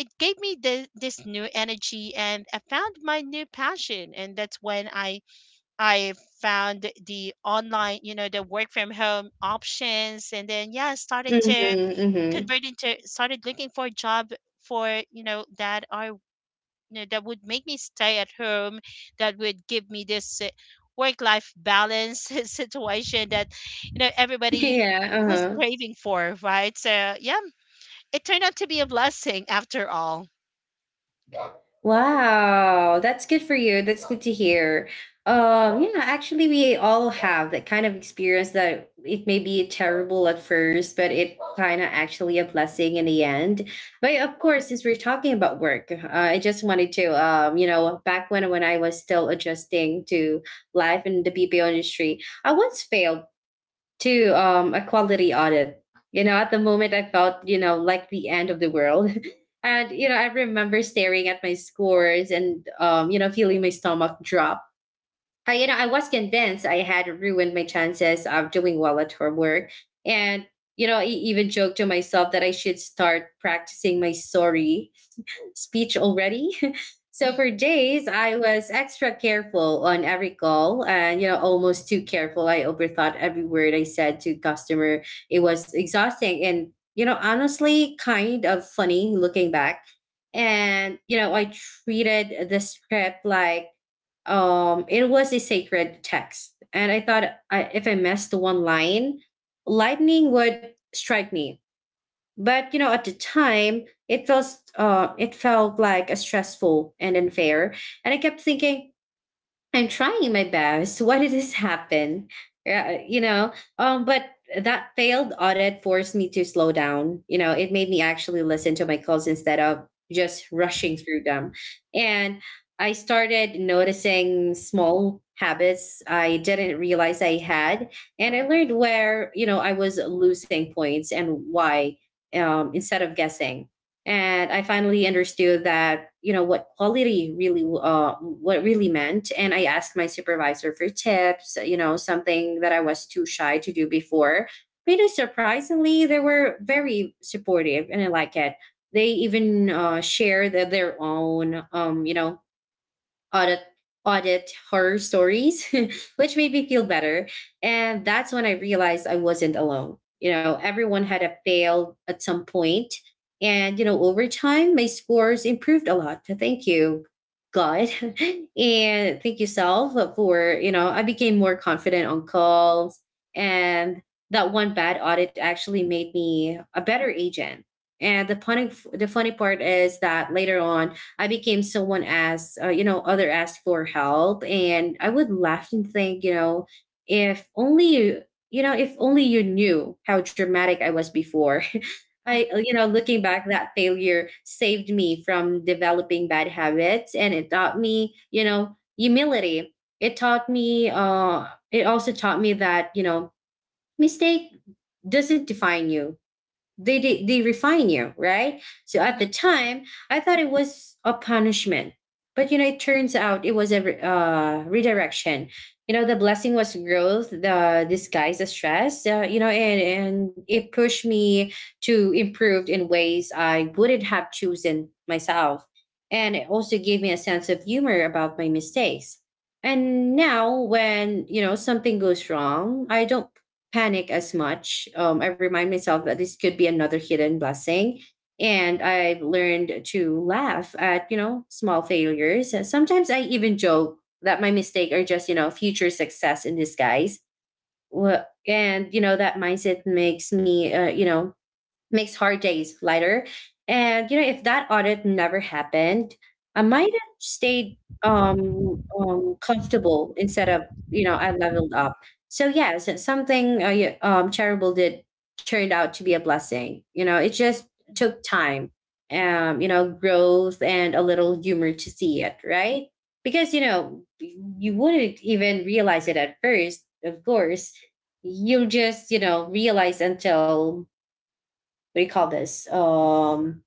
Speaker 2: it gave me this new energy, and I found my new passion. And that's when I found the online, the work from home options, and then yeah, started
Speaker 1: Mm hmm.
Speaker 2: to
Speaker 1: Mm hmm.
Speaker 2: convert into started looking for a job, for you know that are you know that would make me stay at home, that would give me this work life balance situation that everybody
Speaker 1: Yeah. Uh
Speaker 2: was
Speaker 1: huh.
Speaker 2: craving for, right? So yeah, it turned out to be a blessing after all.
Speaker 1: Wow, that's good for you. That's good to hear. Yeah, actually, we all have that kind of experience that it may be terrible at first, but it kind of actually a blessing in the end. But of course, since we're talking about work, I just wanted to, you know, back when I was still adjusting to life in the BPO industry, I once failed to a quality audit. You know, at the moment, I felt, you know, like the end of the world. And, you know, I remember staring at my scores and, you know, feeling my stomach drop. You know, I was convinced I had ruined my chances of doing well at her work. And, you know, I even joked to myself that I should start practicing my sorry speech already. So for days, I was extra careful on every call and, you know, almost too careful. I overthought every word I said to customer. It was exhausting and, you know, honestly, kind of funny looking back. And, you know, I treated the script like, it was a sacred text. And I thought I, if I missed one line, lightning would strike me. But you know at the time it felt like a stressful and unfair, and I kept thinking, I'm trying my best. Why did this happen? Yeah, but that failed audit forced me to slow down. You know, it made me actually listen to my calls instead of just rushing through them. And I started noticing small habits I didn't realize I had. And I learned where, you know, I was losing points and why, instead of guessing. And I finally understood that you know what quality really what really meant. And I asked my supervisor for tips, you know, something that I was too shy to do before. But you know surprisingly they were very supportive and I like it. They even shared their own you know audit audit horror stories which made me feel better. And that's when I realized I wasn't alone. You know, everyone had a fail at some point. And you know over time my scores improved a lot, thank you god, and thank you self. For you know I became more confident on calls, and that one bad audit actually made me a better agent. And the funny part is that later on I became someone asked, you know, other asked for help, and I would laugh and think, you know, if only you, you know, if only you knew how dramatic I was before. I, you know, looking back, that failure saved me from developing bad habits, and it taught me, you know, humility. It taught me, it also taught me that, mistake doesn't define you. They refine you, right? So at the
Speaker 2: Mm-hmm,
Speaker 1: time I thought it was a punishment, but you know it turns out it was a redirection. You know, the blessing was growth the disguise as stress, you know, and it pushed me to improve in ways I wouldn't have chosen myself. And it also gave me a sense of humor about my mistakes. And now when, you know, something goes wrong, I don't panic as much. I remind myself that this could be another hidden blessing. And I've learned to laugh at, you know, small failures. And sometimes I even joke that my mistake are just, you know, future success in disguise. Well, and, you know, that mindset makes me, you know, makes hard days lighter. And you know, if that audit never happened, I
Speaker 2: mm-hmm,
Speaker 1: might have stayed comfortable instead of, you know, I leveled up. So yes, it's something yeah, terrible did turned out to be a blessing. You know, it just took
Speaker 2: mm-hmm.
Speaker 1: time, you know, growth and a little humor to see it, right? Because you know you wouldn't even realize it at first, of course. You'll just, you know, realize until what do you call this,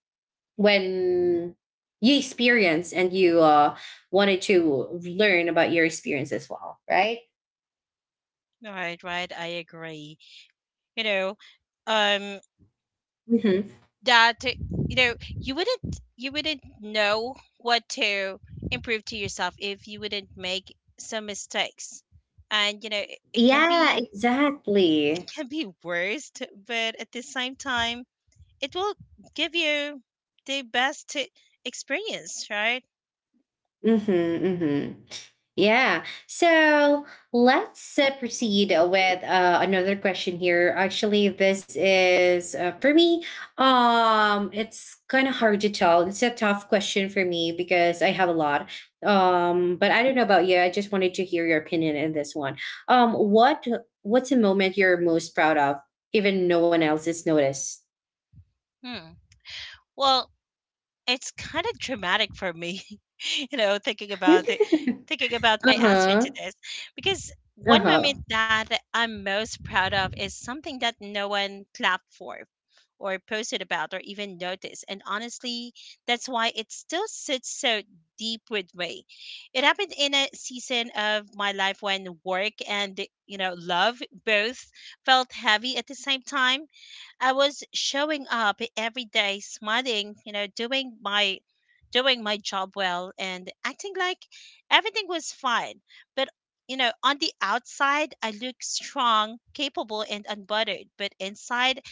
Speaker 1: when you experience and you wanted to learn about your experience as well, right?
Speaker 2: Right, right. I agree. You know, um,
Speaker 1: Mm-hmm.
Speaker 2: that you wouldn't know what to improve to yourself if you wouldn't make some mistakes, and it can
Speaker 1: Yeah,
Speaker 2: be,
Speaker 1: exactly.
Speaker 2: worst, but at the same time, it will give you the best experience, right?
Speaker 1: Mm-hmm, mm-hmm. Yeah. So let's proceed with another question here. Actually, this is for me. It's kind of hard to tell. It's a tough question for me because I have a lot. But I don't know about you. I just wanted to hear your opinion in this one. Um, what what's a moment you're most proud of, even no one else has noticed?
Speaker 2: Hmm. Well, it's kind of dramatic for me, you know, thinking
Speaker 1: Uh
Speaker 2: about it, thinking about my answer
Speaker 1: huh.
Speaker 2: to this, because
Speaker 1: Uh
Speaker 2: one
Speaker 1: huh.
Speaker 2: moment that I'm most proud of is something that no one clapped for, or posted about, or even noticed. And honestly, that's why it still sits so deep with me. It happened in a season of my life when work and, love both felt heavy at the same time. I was showing up every day, smiling, doing my job well, and acting like everything was fine. But on the outside, I look strong, capable, and unbothered. But inside,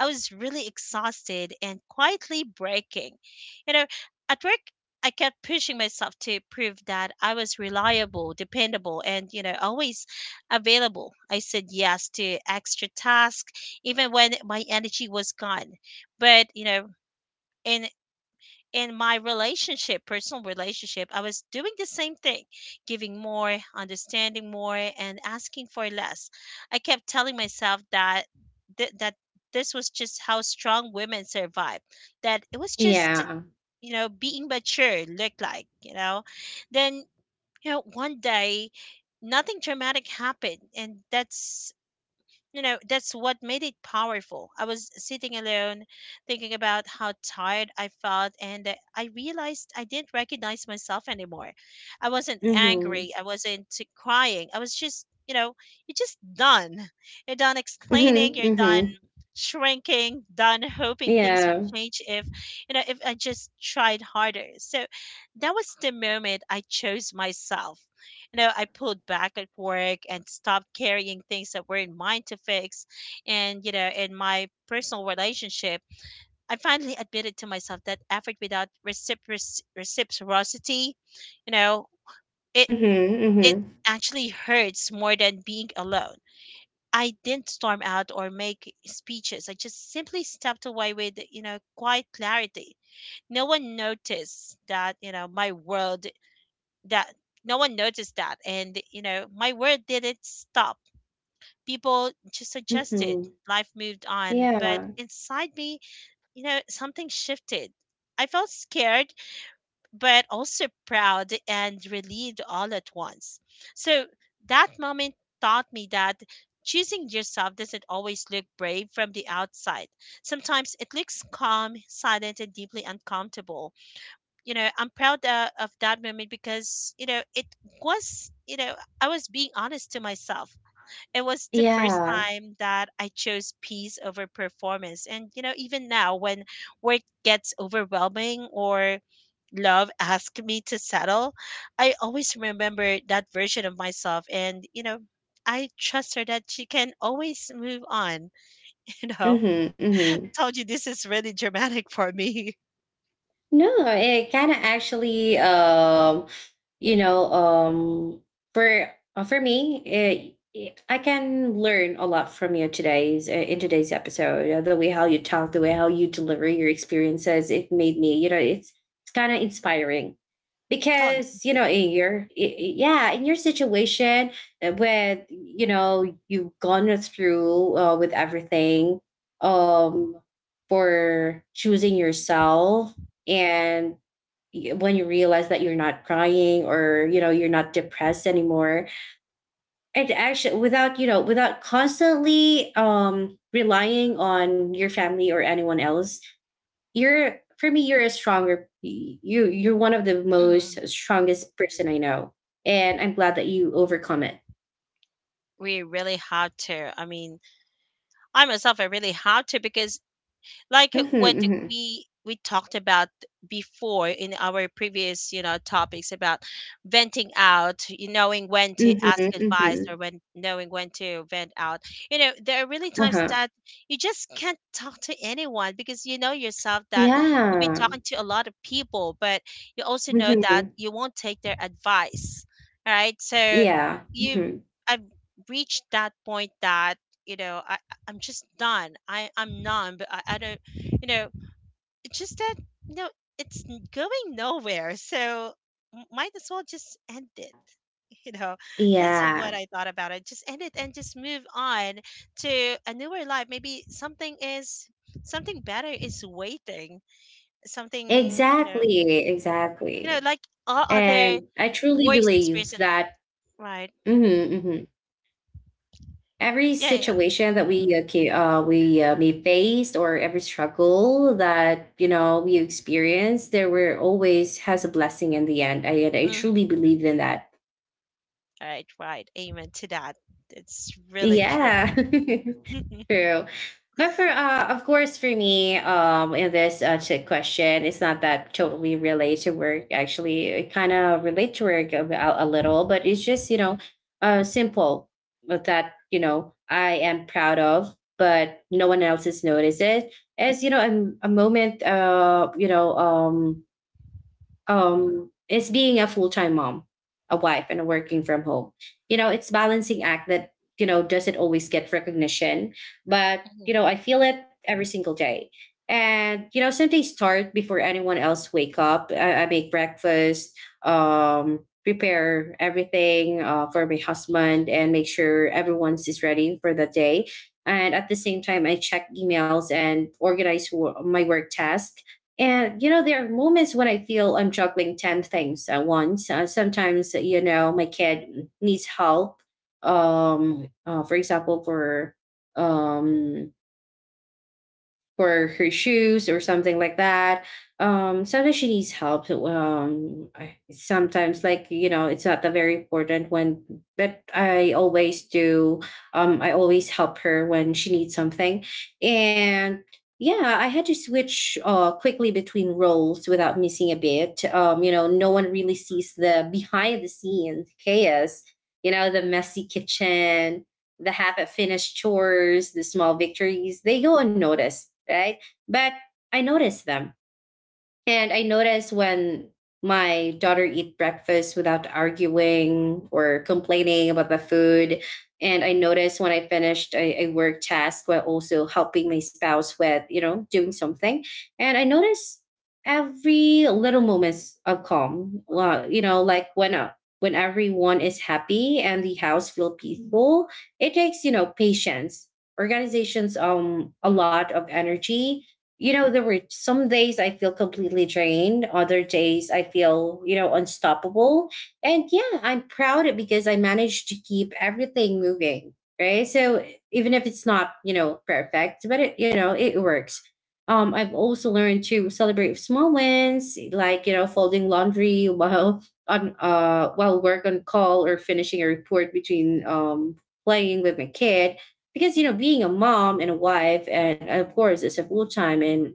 Speaker 2: I was really exhausted and quietly breaking. You know, at work, I kept pushing myself to prove that I was reliable, dependable, and, always available. I said yes to extra tasks, even when my energy was gone. But in in my relationship, personal relationship, I was doing the same thing, giving more, understanding more, and asking for less. I kept telling myself that that this was just how strong women survive, that it was just
Speaker 1: Yeah.
Speaker 2: being mature looked like. Then, you know, one day nothing dramatic happened, and that's that's what made it powerful. I was sitting alone thinking about how tired I felt, and I realized I didn't recognize myself anymore. I wasn't
Speaker 1: Mm-hmm.
Speaker 2: angry, I wasn't crying, I was just you're just done, you're done explaining,
Speaker 1: Mm-hmm.
Speaker 2: you're done
Speaker 1: Mm-hmm.
Speaker 2: shrinking, done hoping things would
Speaker 1: Yeah.
Speaker 2: change if if I just tried harder. So that was the moment I chose myself. I pulled back at work and stopped carrying things that weren't mine to fix. And, you know, in my personal relationship, I finally admitted to myself that effort without reciprocity, you know, it,
Speaker 1: Mhm,
Speaker 2: it
Speaker 1: mhm.
Speaker 2: actually hurts more than being alone. I didn't storm out or make speeches. I just simply stepped away with, you know, quiet clarity. No one noticed that, my world that No one noticed that, and my word didn't stop. People just adjusted,
Speaker 1: Mhm.
Speaker 2: life moved on, but
Speaker 1: Yeah.
Speaker 2: inside me something shifted. I felt scared, but also proud and relieved all at once. So that moment taught me that choosing yourself doesn't always look brave from the outside. Sometimes it looks calm, silent, and deeply uncomfortable. You know, I'm proud of that moment because it was. I was being honest to myself. It was the first
Speaker 1: Yeah.
Speaker 2: time that I chose peace over performance, and you know, even now when work gets overwhelming or love asks me to settle, I always remember that version of myself. And you know, I trust her, that she can always move on. you know
Speaker 1: Mhm, mhm.
Speaker 2: Told you this is really dramatic for me.
Speaker 1: No, it kinda actually, you know, um, for me, I can learn a lot from you today's in today's episode. The way how you talk, the way how you deliver your experiences, it made me, you know, it's kind of inspiring
Speaker 2: Oh,
Speaker 1: because you
Speaker 2: thank
Speaker 1: know in your yeah in your situation with you know you've gone through with everything, um for choosing yourself, and when you realize that you're not crying or, you know, you're not depressed anymore, it actually without, you know, without constantly relying on your family or anyone else, you're for me you're a stronger you, you're one of the
Speaker 2: you.
Speaker 1: most strongest person I know, and I'm glad that you overcome it.
Speaker 2: We really have to. I mean, I myself, I really have to because like
Speaker 1: Mm-hmm,
Speaker 2: what
Speaker 1: mm-hmm,
Speaker 2: we talked about before in our previous, you know, topics about venting out, you knowing when to ask advice,
Speaker 1: mm-hmm.
Speaker 2: or when knowing when to vent out. You know, there are really
Speaker 1: Mm-hmm.
Speaker 2: times
Speaker 1: Uh-huh.
Speaker 2: that you just can't talk to anyone because you know yourself that you've been
Speaker 1: Yeah.
Speaker 2: talking to a lot of people, but you also know that
Speaker 1: Mm-hmm.
Speaker 2: you won't take their advice, right? So
Speaker 1: Yeah.
Speaker 2: you,
Speaker 1: Hmm.
Speaker 2: I've reached that point that you know I I- I'm just done. I'm numb. I don't, you know, it's just that, you know, going nowhere. So might as well just end it. You know, that's
Speaker 1: Yeah,
Speaker 2: what I thought about it. Just end it and just move on to a newer life. Maybe something is something better is waiting. Something,
Speaker 1: exactly
Speaker 2: you know,
Speaker 1: exactly
Speaker 2: like all other
Speaker 1: and I truly
Speaker 2: works
Speaker 1: believe
Speaker 2: experiences,
Speaker 1: that.
Speaker 2: right?
Speaker 1: Mhm, mhm. Every
Speaker 2: Yeah, yeah.
Speaker 1: situation that we we may face, or every struggle that you know we experience, there were always has a blessing in the end. And I
Speaker 2: Mhm.
Speaker 1: truly believe in that.
Speaker 2: All right, right, amen to that. It's really
Speaker 1: Yeah.
Speaker 2: true.
Speaker 1: True. But for of course for me, in this chick question, it's not that totally relate to work. Actually, it kind of relate to work a little, but it's just, you know, simple but that, you know, I am proud of, but no one else has noticed it. As you know, a moment you know, is being a full-time mom, a wife, and a working from home. You know, it's balancing act that you know doesn't always get recognition, but
Speaker 2: Mhm,
Speaker 1: you know I feel it every single day. And you know some days start before anyone else wake up. I make breakfast, prepare everything for my husband and make sure everyone's is ready for the day. And at the same time I check emails and organize my work task. And, you know, there are moments when I feel I'm juggling 10 things at once. Sometimes, you know, my kid needs help. For example, um, for her shoes or something like that. Sometimes she needs help. So, sometimes like you know, it's not that very important when that I always do. I always help her when she needs something, and yeah, I had to switch quickly between roles without missing a bit. You know, no one really sees the behind the scenes chaos. You know, the messy kitchen, the half of finished chores, the small victories, they go unnoticed, right? But I notice them, and I notice when my daughter eat breakfast without arguing or complaining about the food. And I notice when I finished a work task while also helping my spouse with, you know, doing something. And I notice every little moments of calm. Well, you know, like when everyone is happy and the house feel peaceful, it takes, you know, patience. Organizations, a lot of energy. You know, there were some days I feel completely drained, other days I feel, you know, unstoppable. And yeah, I'm proud because I managed to keep everything moving, right? So even if it's not, you know, perfect, but it, you know, it works. I've also learned to celebrate small wins, like, you know, folding laundry while on while work on call or finishing a report between playing with my kid. Because you know
Speaker 2: mhm,
Speaker 1: being a mom and a wife, and of course it's a full time and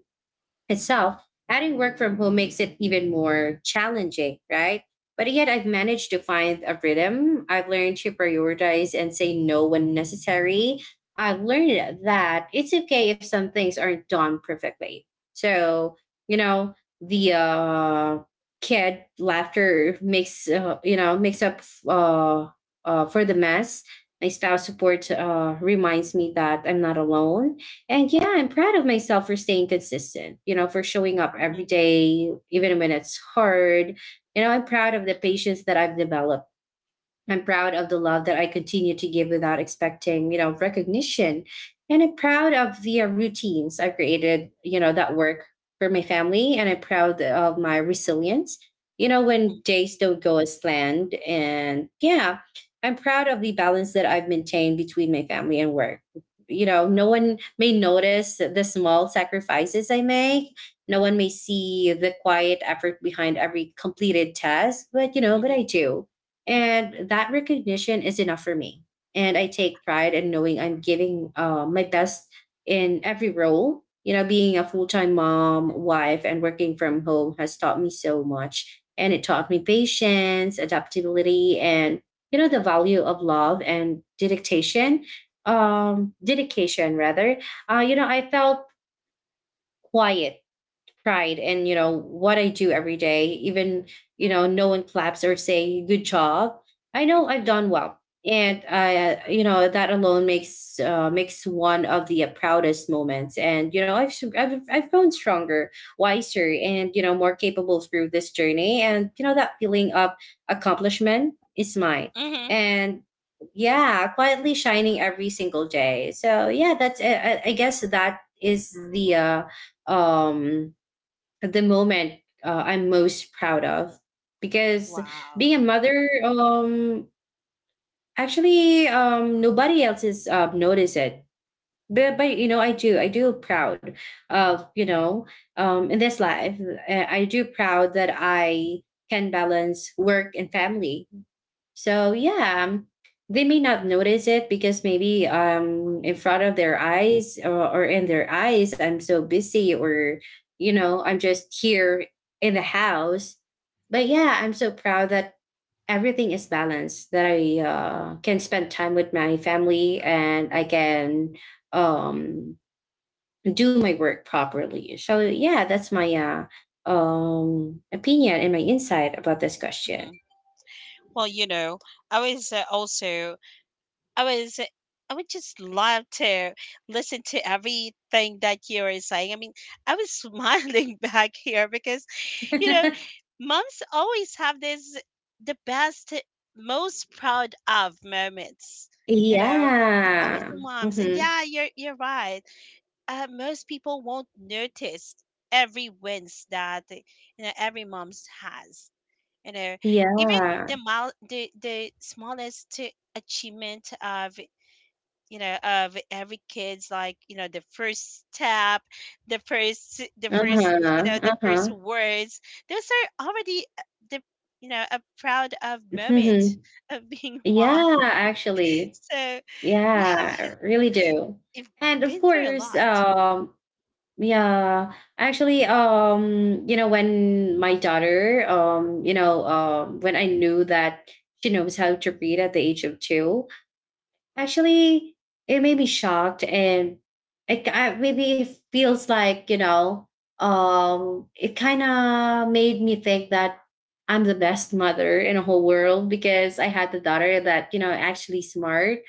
Speaker 1: itself, adding work from home makes it even more challenging, right? But yet, I've managed to find a rhythm. I've learned to prioritize and say no when necessary. I've learned that it's okay if some things aren't done perfectly. So, you know, the kid laughter makes, you know, makes up uh, for the mess. My spouse support reminds me that I'm not alone, and yeah, I'm proud of myself for staying consistent, you know, for showing up every
Speaker 2: mhm,
Speaker 1: day, even when it's hard. You know, I'm proud of the patience that I've developed. I'm proud of the love that I continue to give without expecting, you know, recognition. And I'm proud of the routines I've created, you know, that work for my family. And I'm proud of my resilience, you know,
Speaker 2: mhm,
Speaker 1: when days don't go as planned. And yeah, I'm proud of the balance that I've maintained between my family and work. You know, no one may notice the small sacrifices I make. No one may see the quiet effort behind every completed task, but you know, but
Speaker 2: mhm,
Speaker 1: I do, and that recognition is enough for me. And I take pride in knowing I'm giving my best in every role. You know, being a full time mom, wife, and working from home has taught me so much. And it taught me patience, adaptability, and, you know, the value of love and dedication. Dedication, rather. You know, I felt quiet pride in you know what I do every day. Even you know no one claps or say good job, I know I've
Speaker 2: mhm,
Speaker 1: done well. And I you know that alone makes, makes one of the proudest moments. And you know I've grown stronger, wiser, and you know more capable through this journey. And you know that feeling of accomplishment is mine.
Speaker 2: mhm.
Speaker 1: And yeah, quietly shining every single day. So yeah, that's it. I guess that is the um at the moment I'm most proud of, because
Speaker 2: Wow.
Speaker 1: being a mother, actually, nobody else is notice it. But you know I do proud of, you know, in this life, I do proud that I can balance work and family. So yeah, they may not notice it because maybe in front of their eyes, or in their eyes I'm so busy, or you know I'm just here in the house. But yeah, I'm so proud that everything is balanced. That I can spend time with my family and I can um do my work properly. So yeah, that's my opinion and my insight about this
Speaker 2: Hmm.
Speaker 1: question.
Speaker 2: Well, you know, I was also, I was, I would just love to listen to everything that you were saying. I mean, I was smiling back here because, you know, moms always have this the best, most proud of moments. You know, it's always
Speaker 1: Yeah.
Speaker 2: the moms, and
Speaker 1: Mhm.
Speaker 2: yeah, you're right. Most people won't notice every wins that you know every mom's has, you know, even
Speaker 1: Yeah.
Speaker 2: the the smallest achievement of, you know, of every kid's, like, you know, the first step, the first, you
Speaker 1: Uh-huh,
Speaker 2: know, the first
Speaker 1: uh-huh.
Speaker 2: words. Those are already the, you know, a proud of moment
Speaker 1: Mhm.
Speaker 2: of being mom.
Speaker 1: Yeah, actually.
Speaker 2: So yeah,
Speaker 1: Yeah, I really do.
Speaker 2: I've
Speaker 1: And of
Speaker 2: been through a
Speaker 1: course,
Speaker 2: lot.
Speaker 1: yeah, actually, you know, when my daughter, when I knew that she knows how to read at the age of two, actually, it made me shocked, and maybe it feels like you know, it kind of made me think that I'm the best mother in the whole world because I had the daughter that you know actually smart.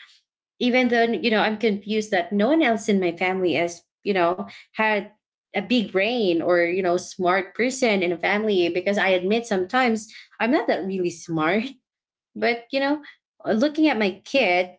Speaker 1: Even though
Speaker 2: Mm-hmm.
Speaker 1: I'm confused that no one else in my family has had a big brain or smart person in a family because I admit sometimes I'm not that really smart, but looking at my kid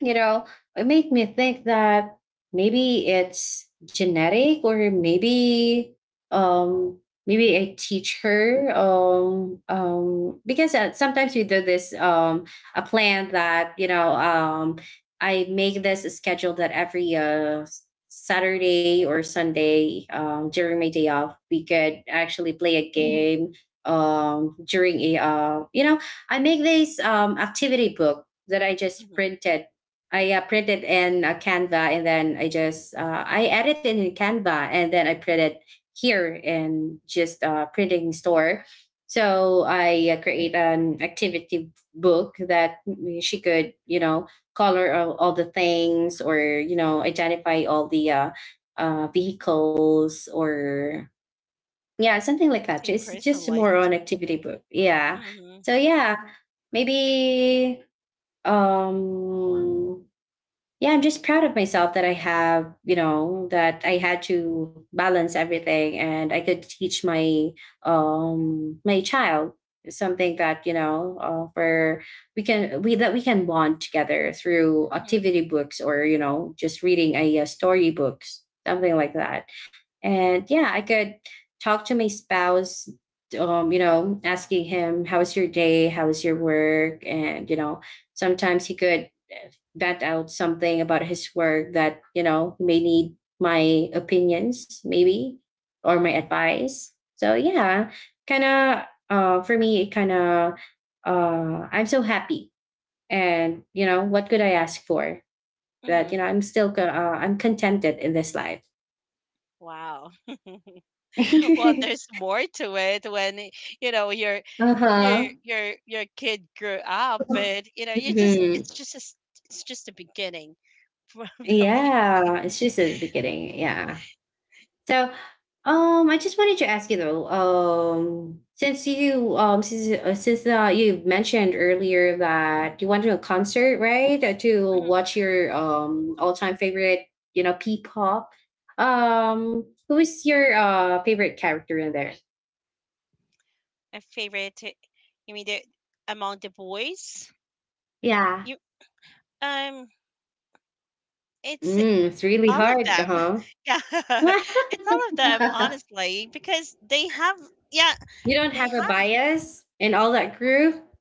Speaker 1: you know, it made me think that maybe it's genetic or maybe um maybe I teach her because sometimes we do this a plan that I make this a schedule that every Saturday or Sunday during my day off we could actually play a game during a I make this activity book that I just printed. I printed in Canva and then I just I edited in Canva and then I printed here in just printing store. So I create an activity book that she could color all the things or identify all the vehicles or yeah something like that.
Speaker 2: Say
Speaker 1: Just more
Speaker 2: personalized.
Speaker 1: on activity book. Yeah.
Speaker 2: Mm-hmm.
Speaker 1: So yeah, maybe um yeah, I'm just proud of myself that I have, that I had to balance everything and I could teach my my child something that, for we that we can bond together through
Speaker 2: Mm-hmm.
Speaker 1: activity books or, just reading a, story books, something like that. And yeah, I could talk to my spouse asking him, how's your day? How's your work? And, sometimes he could that out something about his work that may need my opinions maybe or my advice. So yeah, kind of for me it kind of I'm so happy and what could I ask for that
Speaker 2: Mm-hmm.
Speaker 1: I'm still I'm contented in this life.
Speaker 2: Wow. Well, there's more to it when you know your
Speaker 1: Uh-huh.
Speaker 2: your kid grew up, but you know you just
Speaker 1: Mhm.
Speaker 2: it's just a beginning. Believe me.
Speaker 1: Yeah, it's just at the beginning, yeah. So, I just wanted to ask you though, since you mentioned earlier that you went to a concert, right, to
Speaker 2: Hmm.
Speaker 1: watch your all time favorite, P-pop.
Speaker 2: Hmm.
Speaker 1: Who is your favorite character in there?
Speaker 2: My favorite, you mean the among the boys?
Speaker 1: Yeah.
Speaker 2: You um, it's
Speaker 1: Mm, it's really
Speaker 2: all of
Speaker 1: hard,
Speaker 2: them.
Speaker 1: huh?
Speaker 2: Yeah, it's all of them, honestly, because they have, yeah,
Speaker 1: You don't
Speaker 2: they
Speaker 1: have a
Speaker 2: have,
Speaker 1: bias in all that group.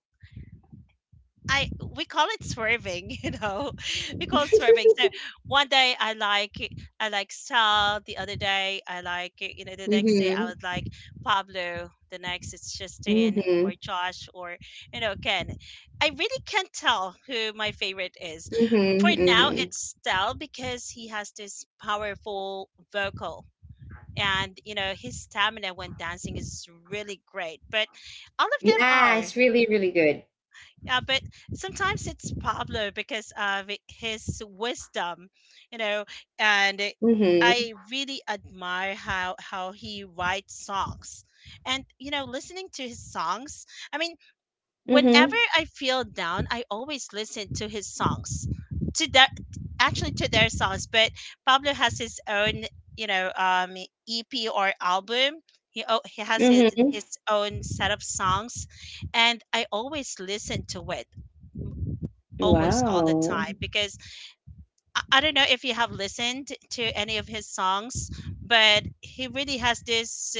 Speaker 2: I, we call it swerving, you know. We call it swerving. So one day I like Sal, the other day I like, you know, the next day I
Speaker 1: Mm-hmm.
Speaker 2: would like Pablo, the next it's Justin or
Speaker 1: Mm-hmm.
Speaker 2: Josh or, you know, Ken. I really can't tell who my favorite is.
Speaker 1: Mm-hmm.
Speaker 2: For now
Speaker 1: Mm-hmm.
Speaker 2: it's Sal because he has this powerful vocal, and you know his stamina when dancing is really great. But all of them
Speaker 1: Yeah,
Speaker 2: are.
Speaker 1: it's really, really good.
Speaker 2: Yeah, but sometimes it's Pablo because of his wisdom, you know, and
Speaker 1: Mhm.
Speaker 2: I really admire how he writes songs. And you know, listening to his songs, I mean, whenever
Speaker 1: Mhm.
Speaker 2: I feel down, I always listen to his songs. To their, actually to their songs, but Pablo has his own, you know, um, EP or album. He, oh, he has
Speaker 1: Mhm.
Speaker 2: his own set of songs, and I always listen to it almost all the time
Speaker 1: Wow.
Speaker 2: because I don't know if you have listened to any of his songs, but he really has this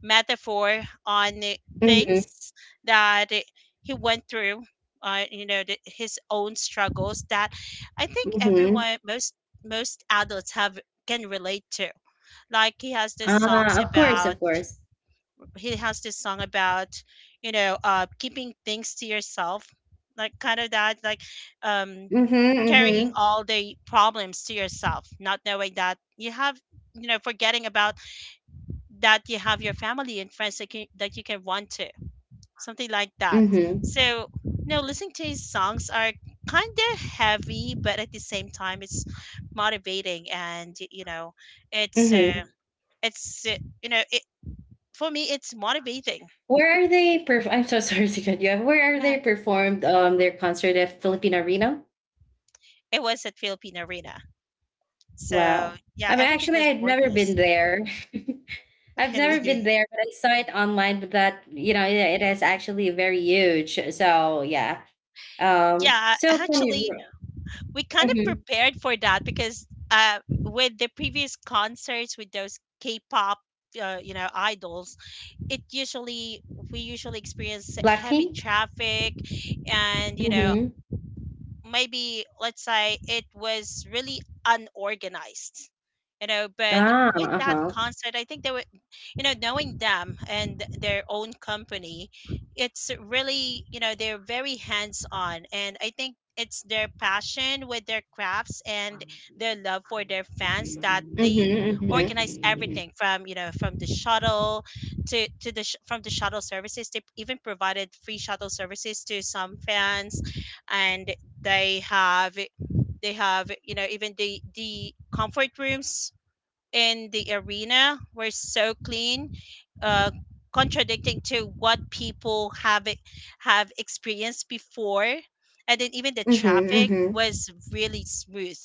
Speaker 2: metaphor on
Speaker 1: Mhm.
Speaker 2: things that he went through. You know the, his own struggles that I think
Speaker 1: Mhm.
Speaker 2: everyone, most adults have can relate to. Like
Speaker 1: Ah, of course, of course.
Speaker 2: he has this song about, you know, keeping things to yourself, like kind of that, like um
Speaker 1: Mhm. Mhm.
Speaker 2: carrying all the problems to yourself, not knowing that you have, you know, forgetting about that you have your family and friends that, can, that you can run to, something like that.
Speaker 1: Mhm.
Speaker 2: So, no, listening to his songs are kind of heavy, but at the same time, it's motivating and, you know, it's, uh,
Speaker 1: Mhm.
Speaker 2: it's, uh, you know, it, for me, it's motivating.
Speaker 1: Where are they perf- I'm so sorry to cut you off. Where are
Speaker 2: Yeah,
Speaker 1: they performed their concert at Philippine Arena?
Speaker 2: it was at Philippine Arena. So,
Speaker 1: Wow.
Speaker 2: yeah,
Speaker 1: I mean
Speaker 2: everything
Speaker 1: actually
Speaker 2: was
Speaker 1: I've never
Speaker 2: organized.
Speaker 1: been there. I've never been
Speaker 2: Really.
Speaker 1: there, but I saw it online but that it, it is actually very huge. So yeah.
Speaker 2: Yeah,
Speaker 1: So from your
Speaker 2: actually, we kind of prepared for that because with the previous concerts with those K-pop, you know, idols, it usually we usually experience heavy
Speaker 1: Blackpink?
Speaker 2: traffic, and you know,
Speaker 1: Mhm.
Speaker 2: maybe let's say it was really unorganized, you know, but
Speaker 1: Ah,
Speaker 2: with that
Speaker 1: uh-huh.
Speaker 2: concert I think they were, you know, knowing them and their own company, it's really, you know, they're very hands on, and I think it's their passion with their crafts and their love for their fans that they
Speaker 1: Mhm,
Speaker 2: organize
Speaker 1: mhm.
Speaker 2: everything from, you know, from the shuttle from the shuttle services. They even provided free shuttle services to some fans, and they have they have, you know, even the comfort rooms in the arena were so clean. Uh, contradicting to what people have experienced before. And then even the
Speaker 1: Mhm,
Speaker 2: traffic
Speaker 1: mhm.
Speaker 2: was really smooth.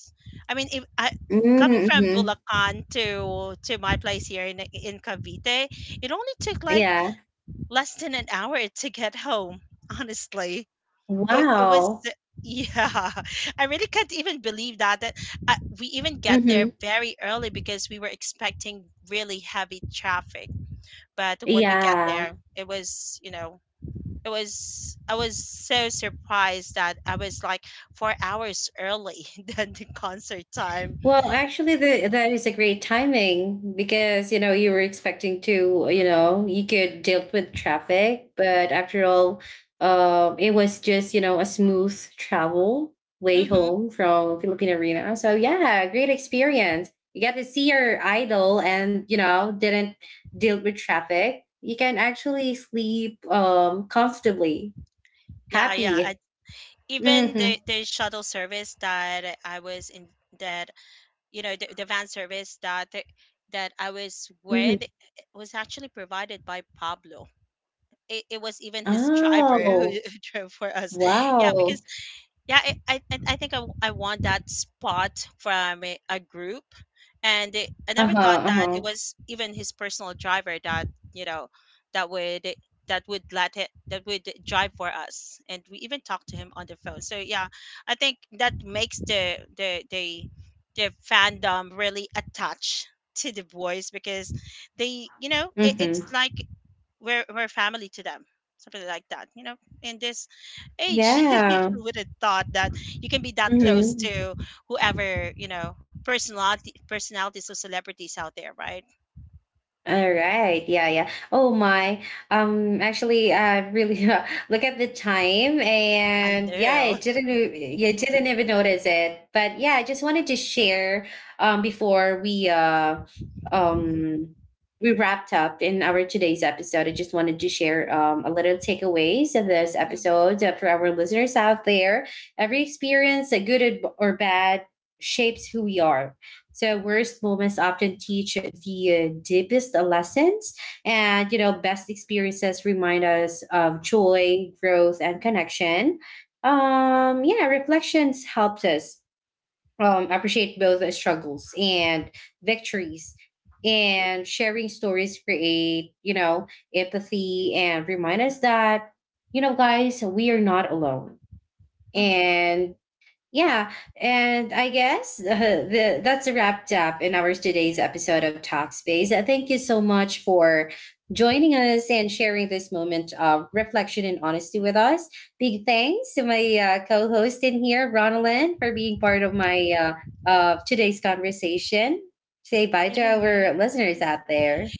Speaker 2: I mean, if I,
Speaker 1: Mm,
Speaker 2: coming from
Speaker 1: mhm.
Speaker 2: Bulacan to my place here in Cavite, it only took like
Speaker 1: Yeah.
Speaker 2: less than an hour to get home. Honestly, it was,
Speaker 1: Wow.
Speaker 2: yeah, I really can't even believe that I, we even get there
Speaker 1: Mhm.
Speaker 2: very early because we were expecting really heavy traffic, but when we get
Speaker 1: Yeah.
Speaker 2: there it was, you know, it was, I was so surprised that I was like 4 hours early than the concert time.
Speaker 1: Well, actually, the, that is a great timing because you were expecting to you could deal with traffic, but after all, it was just a smooth travel way
Speaker 2: Hmm.
Speaker 1: home from Philippine Arena. So yeah, great experience. You got to see your idol, and didn't deal with traffic. You can actually sleep comfortably,
Speaker 2: Yeah, yeah, I,
Speaker 1: happy.
Speaker 2: even
Speaker 1: Mm-hmm.
Speaker 2: the shuttle service that I was in, that you know the van service that I was
Speaker 1: Hmm.
Speaker 2: with, eh, was actually provided by Pablo. It was even his driver who who
Speaker 1: Oh,
Speaker 2: drove for us. Yeah, because
Speaker 1: wow.
Speaker 2: yeah, I think I want that spot from a group, and it, I
Speaker 1: Uh
Speaker 2: never thought
Speaker 1: huh. Uh
Speaker 2: that it
Speaker 1: huh.
Speaker 2: was even his personal driver that, you know, that would that would drive for us, and we even talked to him on the phone. So yeah, I think that makes the fandom really attached to the boys because they, you know,
Speaker 1: Mm-hmm.
Speaker 2: it's like we're family to them, something like that, you know. In this age
Speaker 1: Yeah.
Speaker 2: you would have thought that you can be that close
Speaker 1: Mm-hmm.
Speaker 2: to whoever, you know, personality personalities or celebrities out there, right?
Speaker 1: All right. Yeah, yeah. Oh my. Actually really look at the time
Speaker 2: I
Speaker 1: and yeah, I
Speaker 2: know.
Speaker 1: didn't e- you didn't even notice it. But yeah, I just wanted to share before um we wrapped up in our today's episode. I just wanted to share a little takeaways of this episode for our listeners out there. Every experience, good or bad, shapes who we are. So worst moments often teach the deepest lessons, and best experiences remind us of joy, growth, and connection. Yeah, reflections helps us appreciate both the struggles and victories, and sharing stories create empathy and remind us that guys, we are not alone,
Speaker 2: Mm-hmm.
Speaker 1: and yeah, and I guess that's wrapped up in our today's episode of Talkspace. Thank you so much for joining us and sharing this moment of reflection and honesty with us. Big thanks to my co-host in here, Ronalyn, for being part of my of today's conversation. Say bye to
Speaker 2: Yay.
Speaker 1: our listeners out there.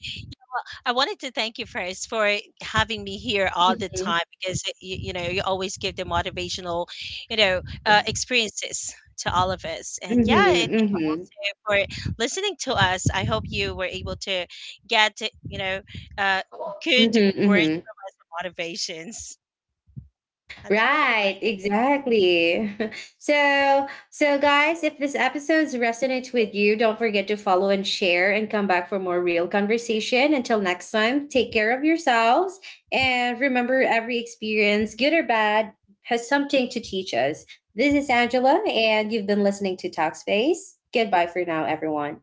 Speaker 2: I wanted to thank you first for having me here all the
Speaker 1: Hmm.
Speaker 2: time because you know you always give the motivational, you know, experiences to all of us. And
Speaker 1: Hmm.
Speaker 2: yeah, it
Speaker 1: Hmm.
Speaker 2: for listening to us. I hope you were able to get, you know, uh, good
Speaker 1: Hmm.
Speaker 2: words
Speaker 1: Hmm.
Speaker 2: from us, and motivations. And I hope you learned.
Speaker 1: Right, exactly. So, so guys, if this episode resonates with you, don't forget to follow and share and come back for more real conversation. Until next time, take care of yourselves and remember every experience, good or bad, has something to teach us. This is Angela and you've been listening to Talkspace. Goodbye for now, everyone.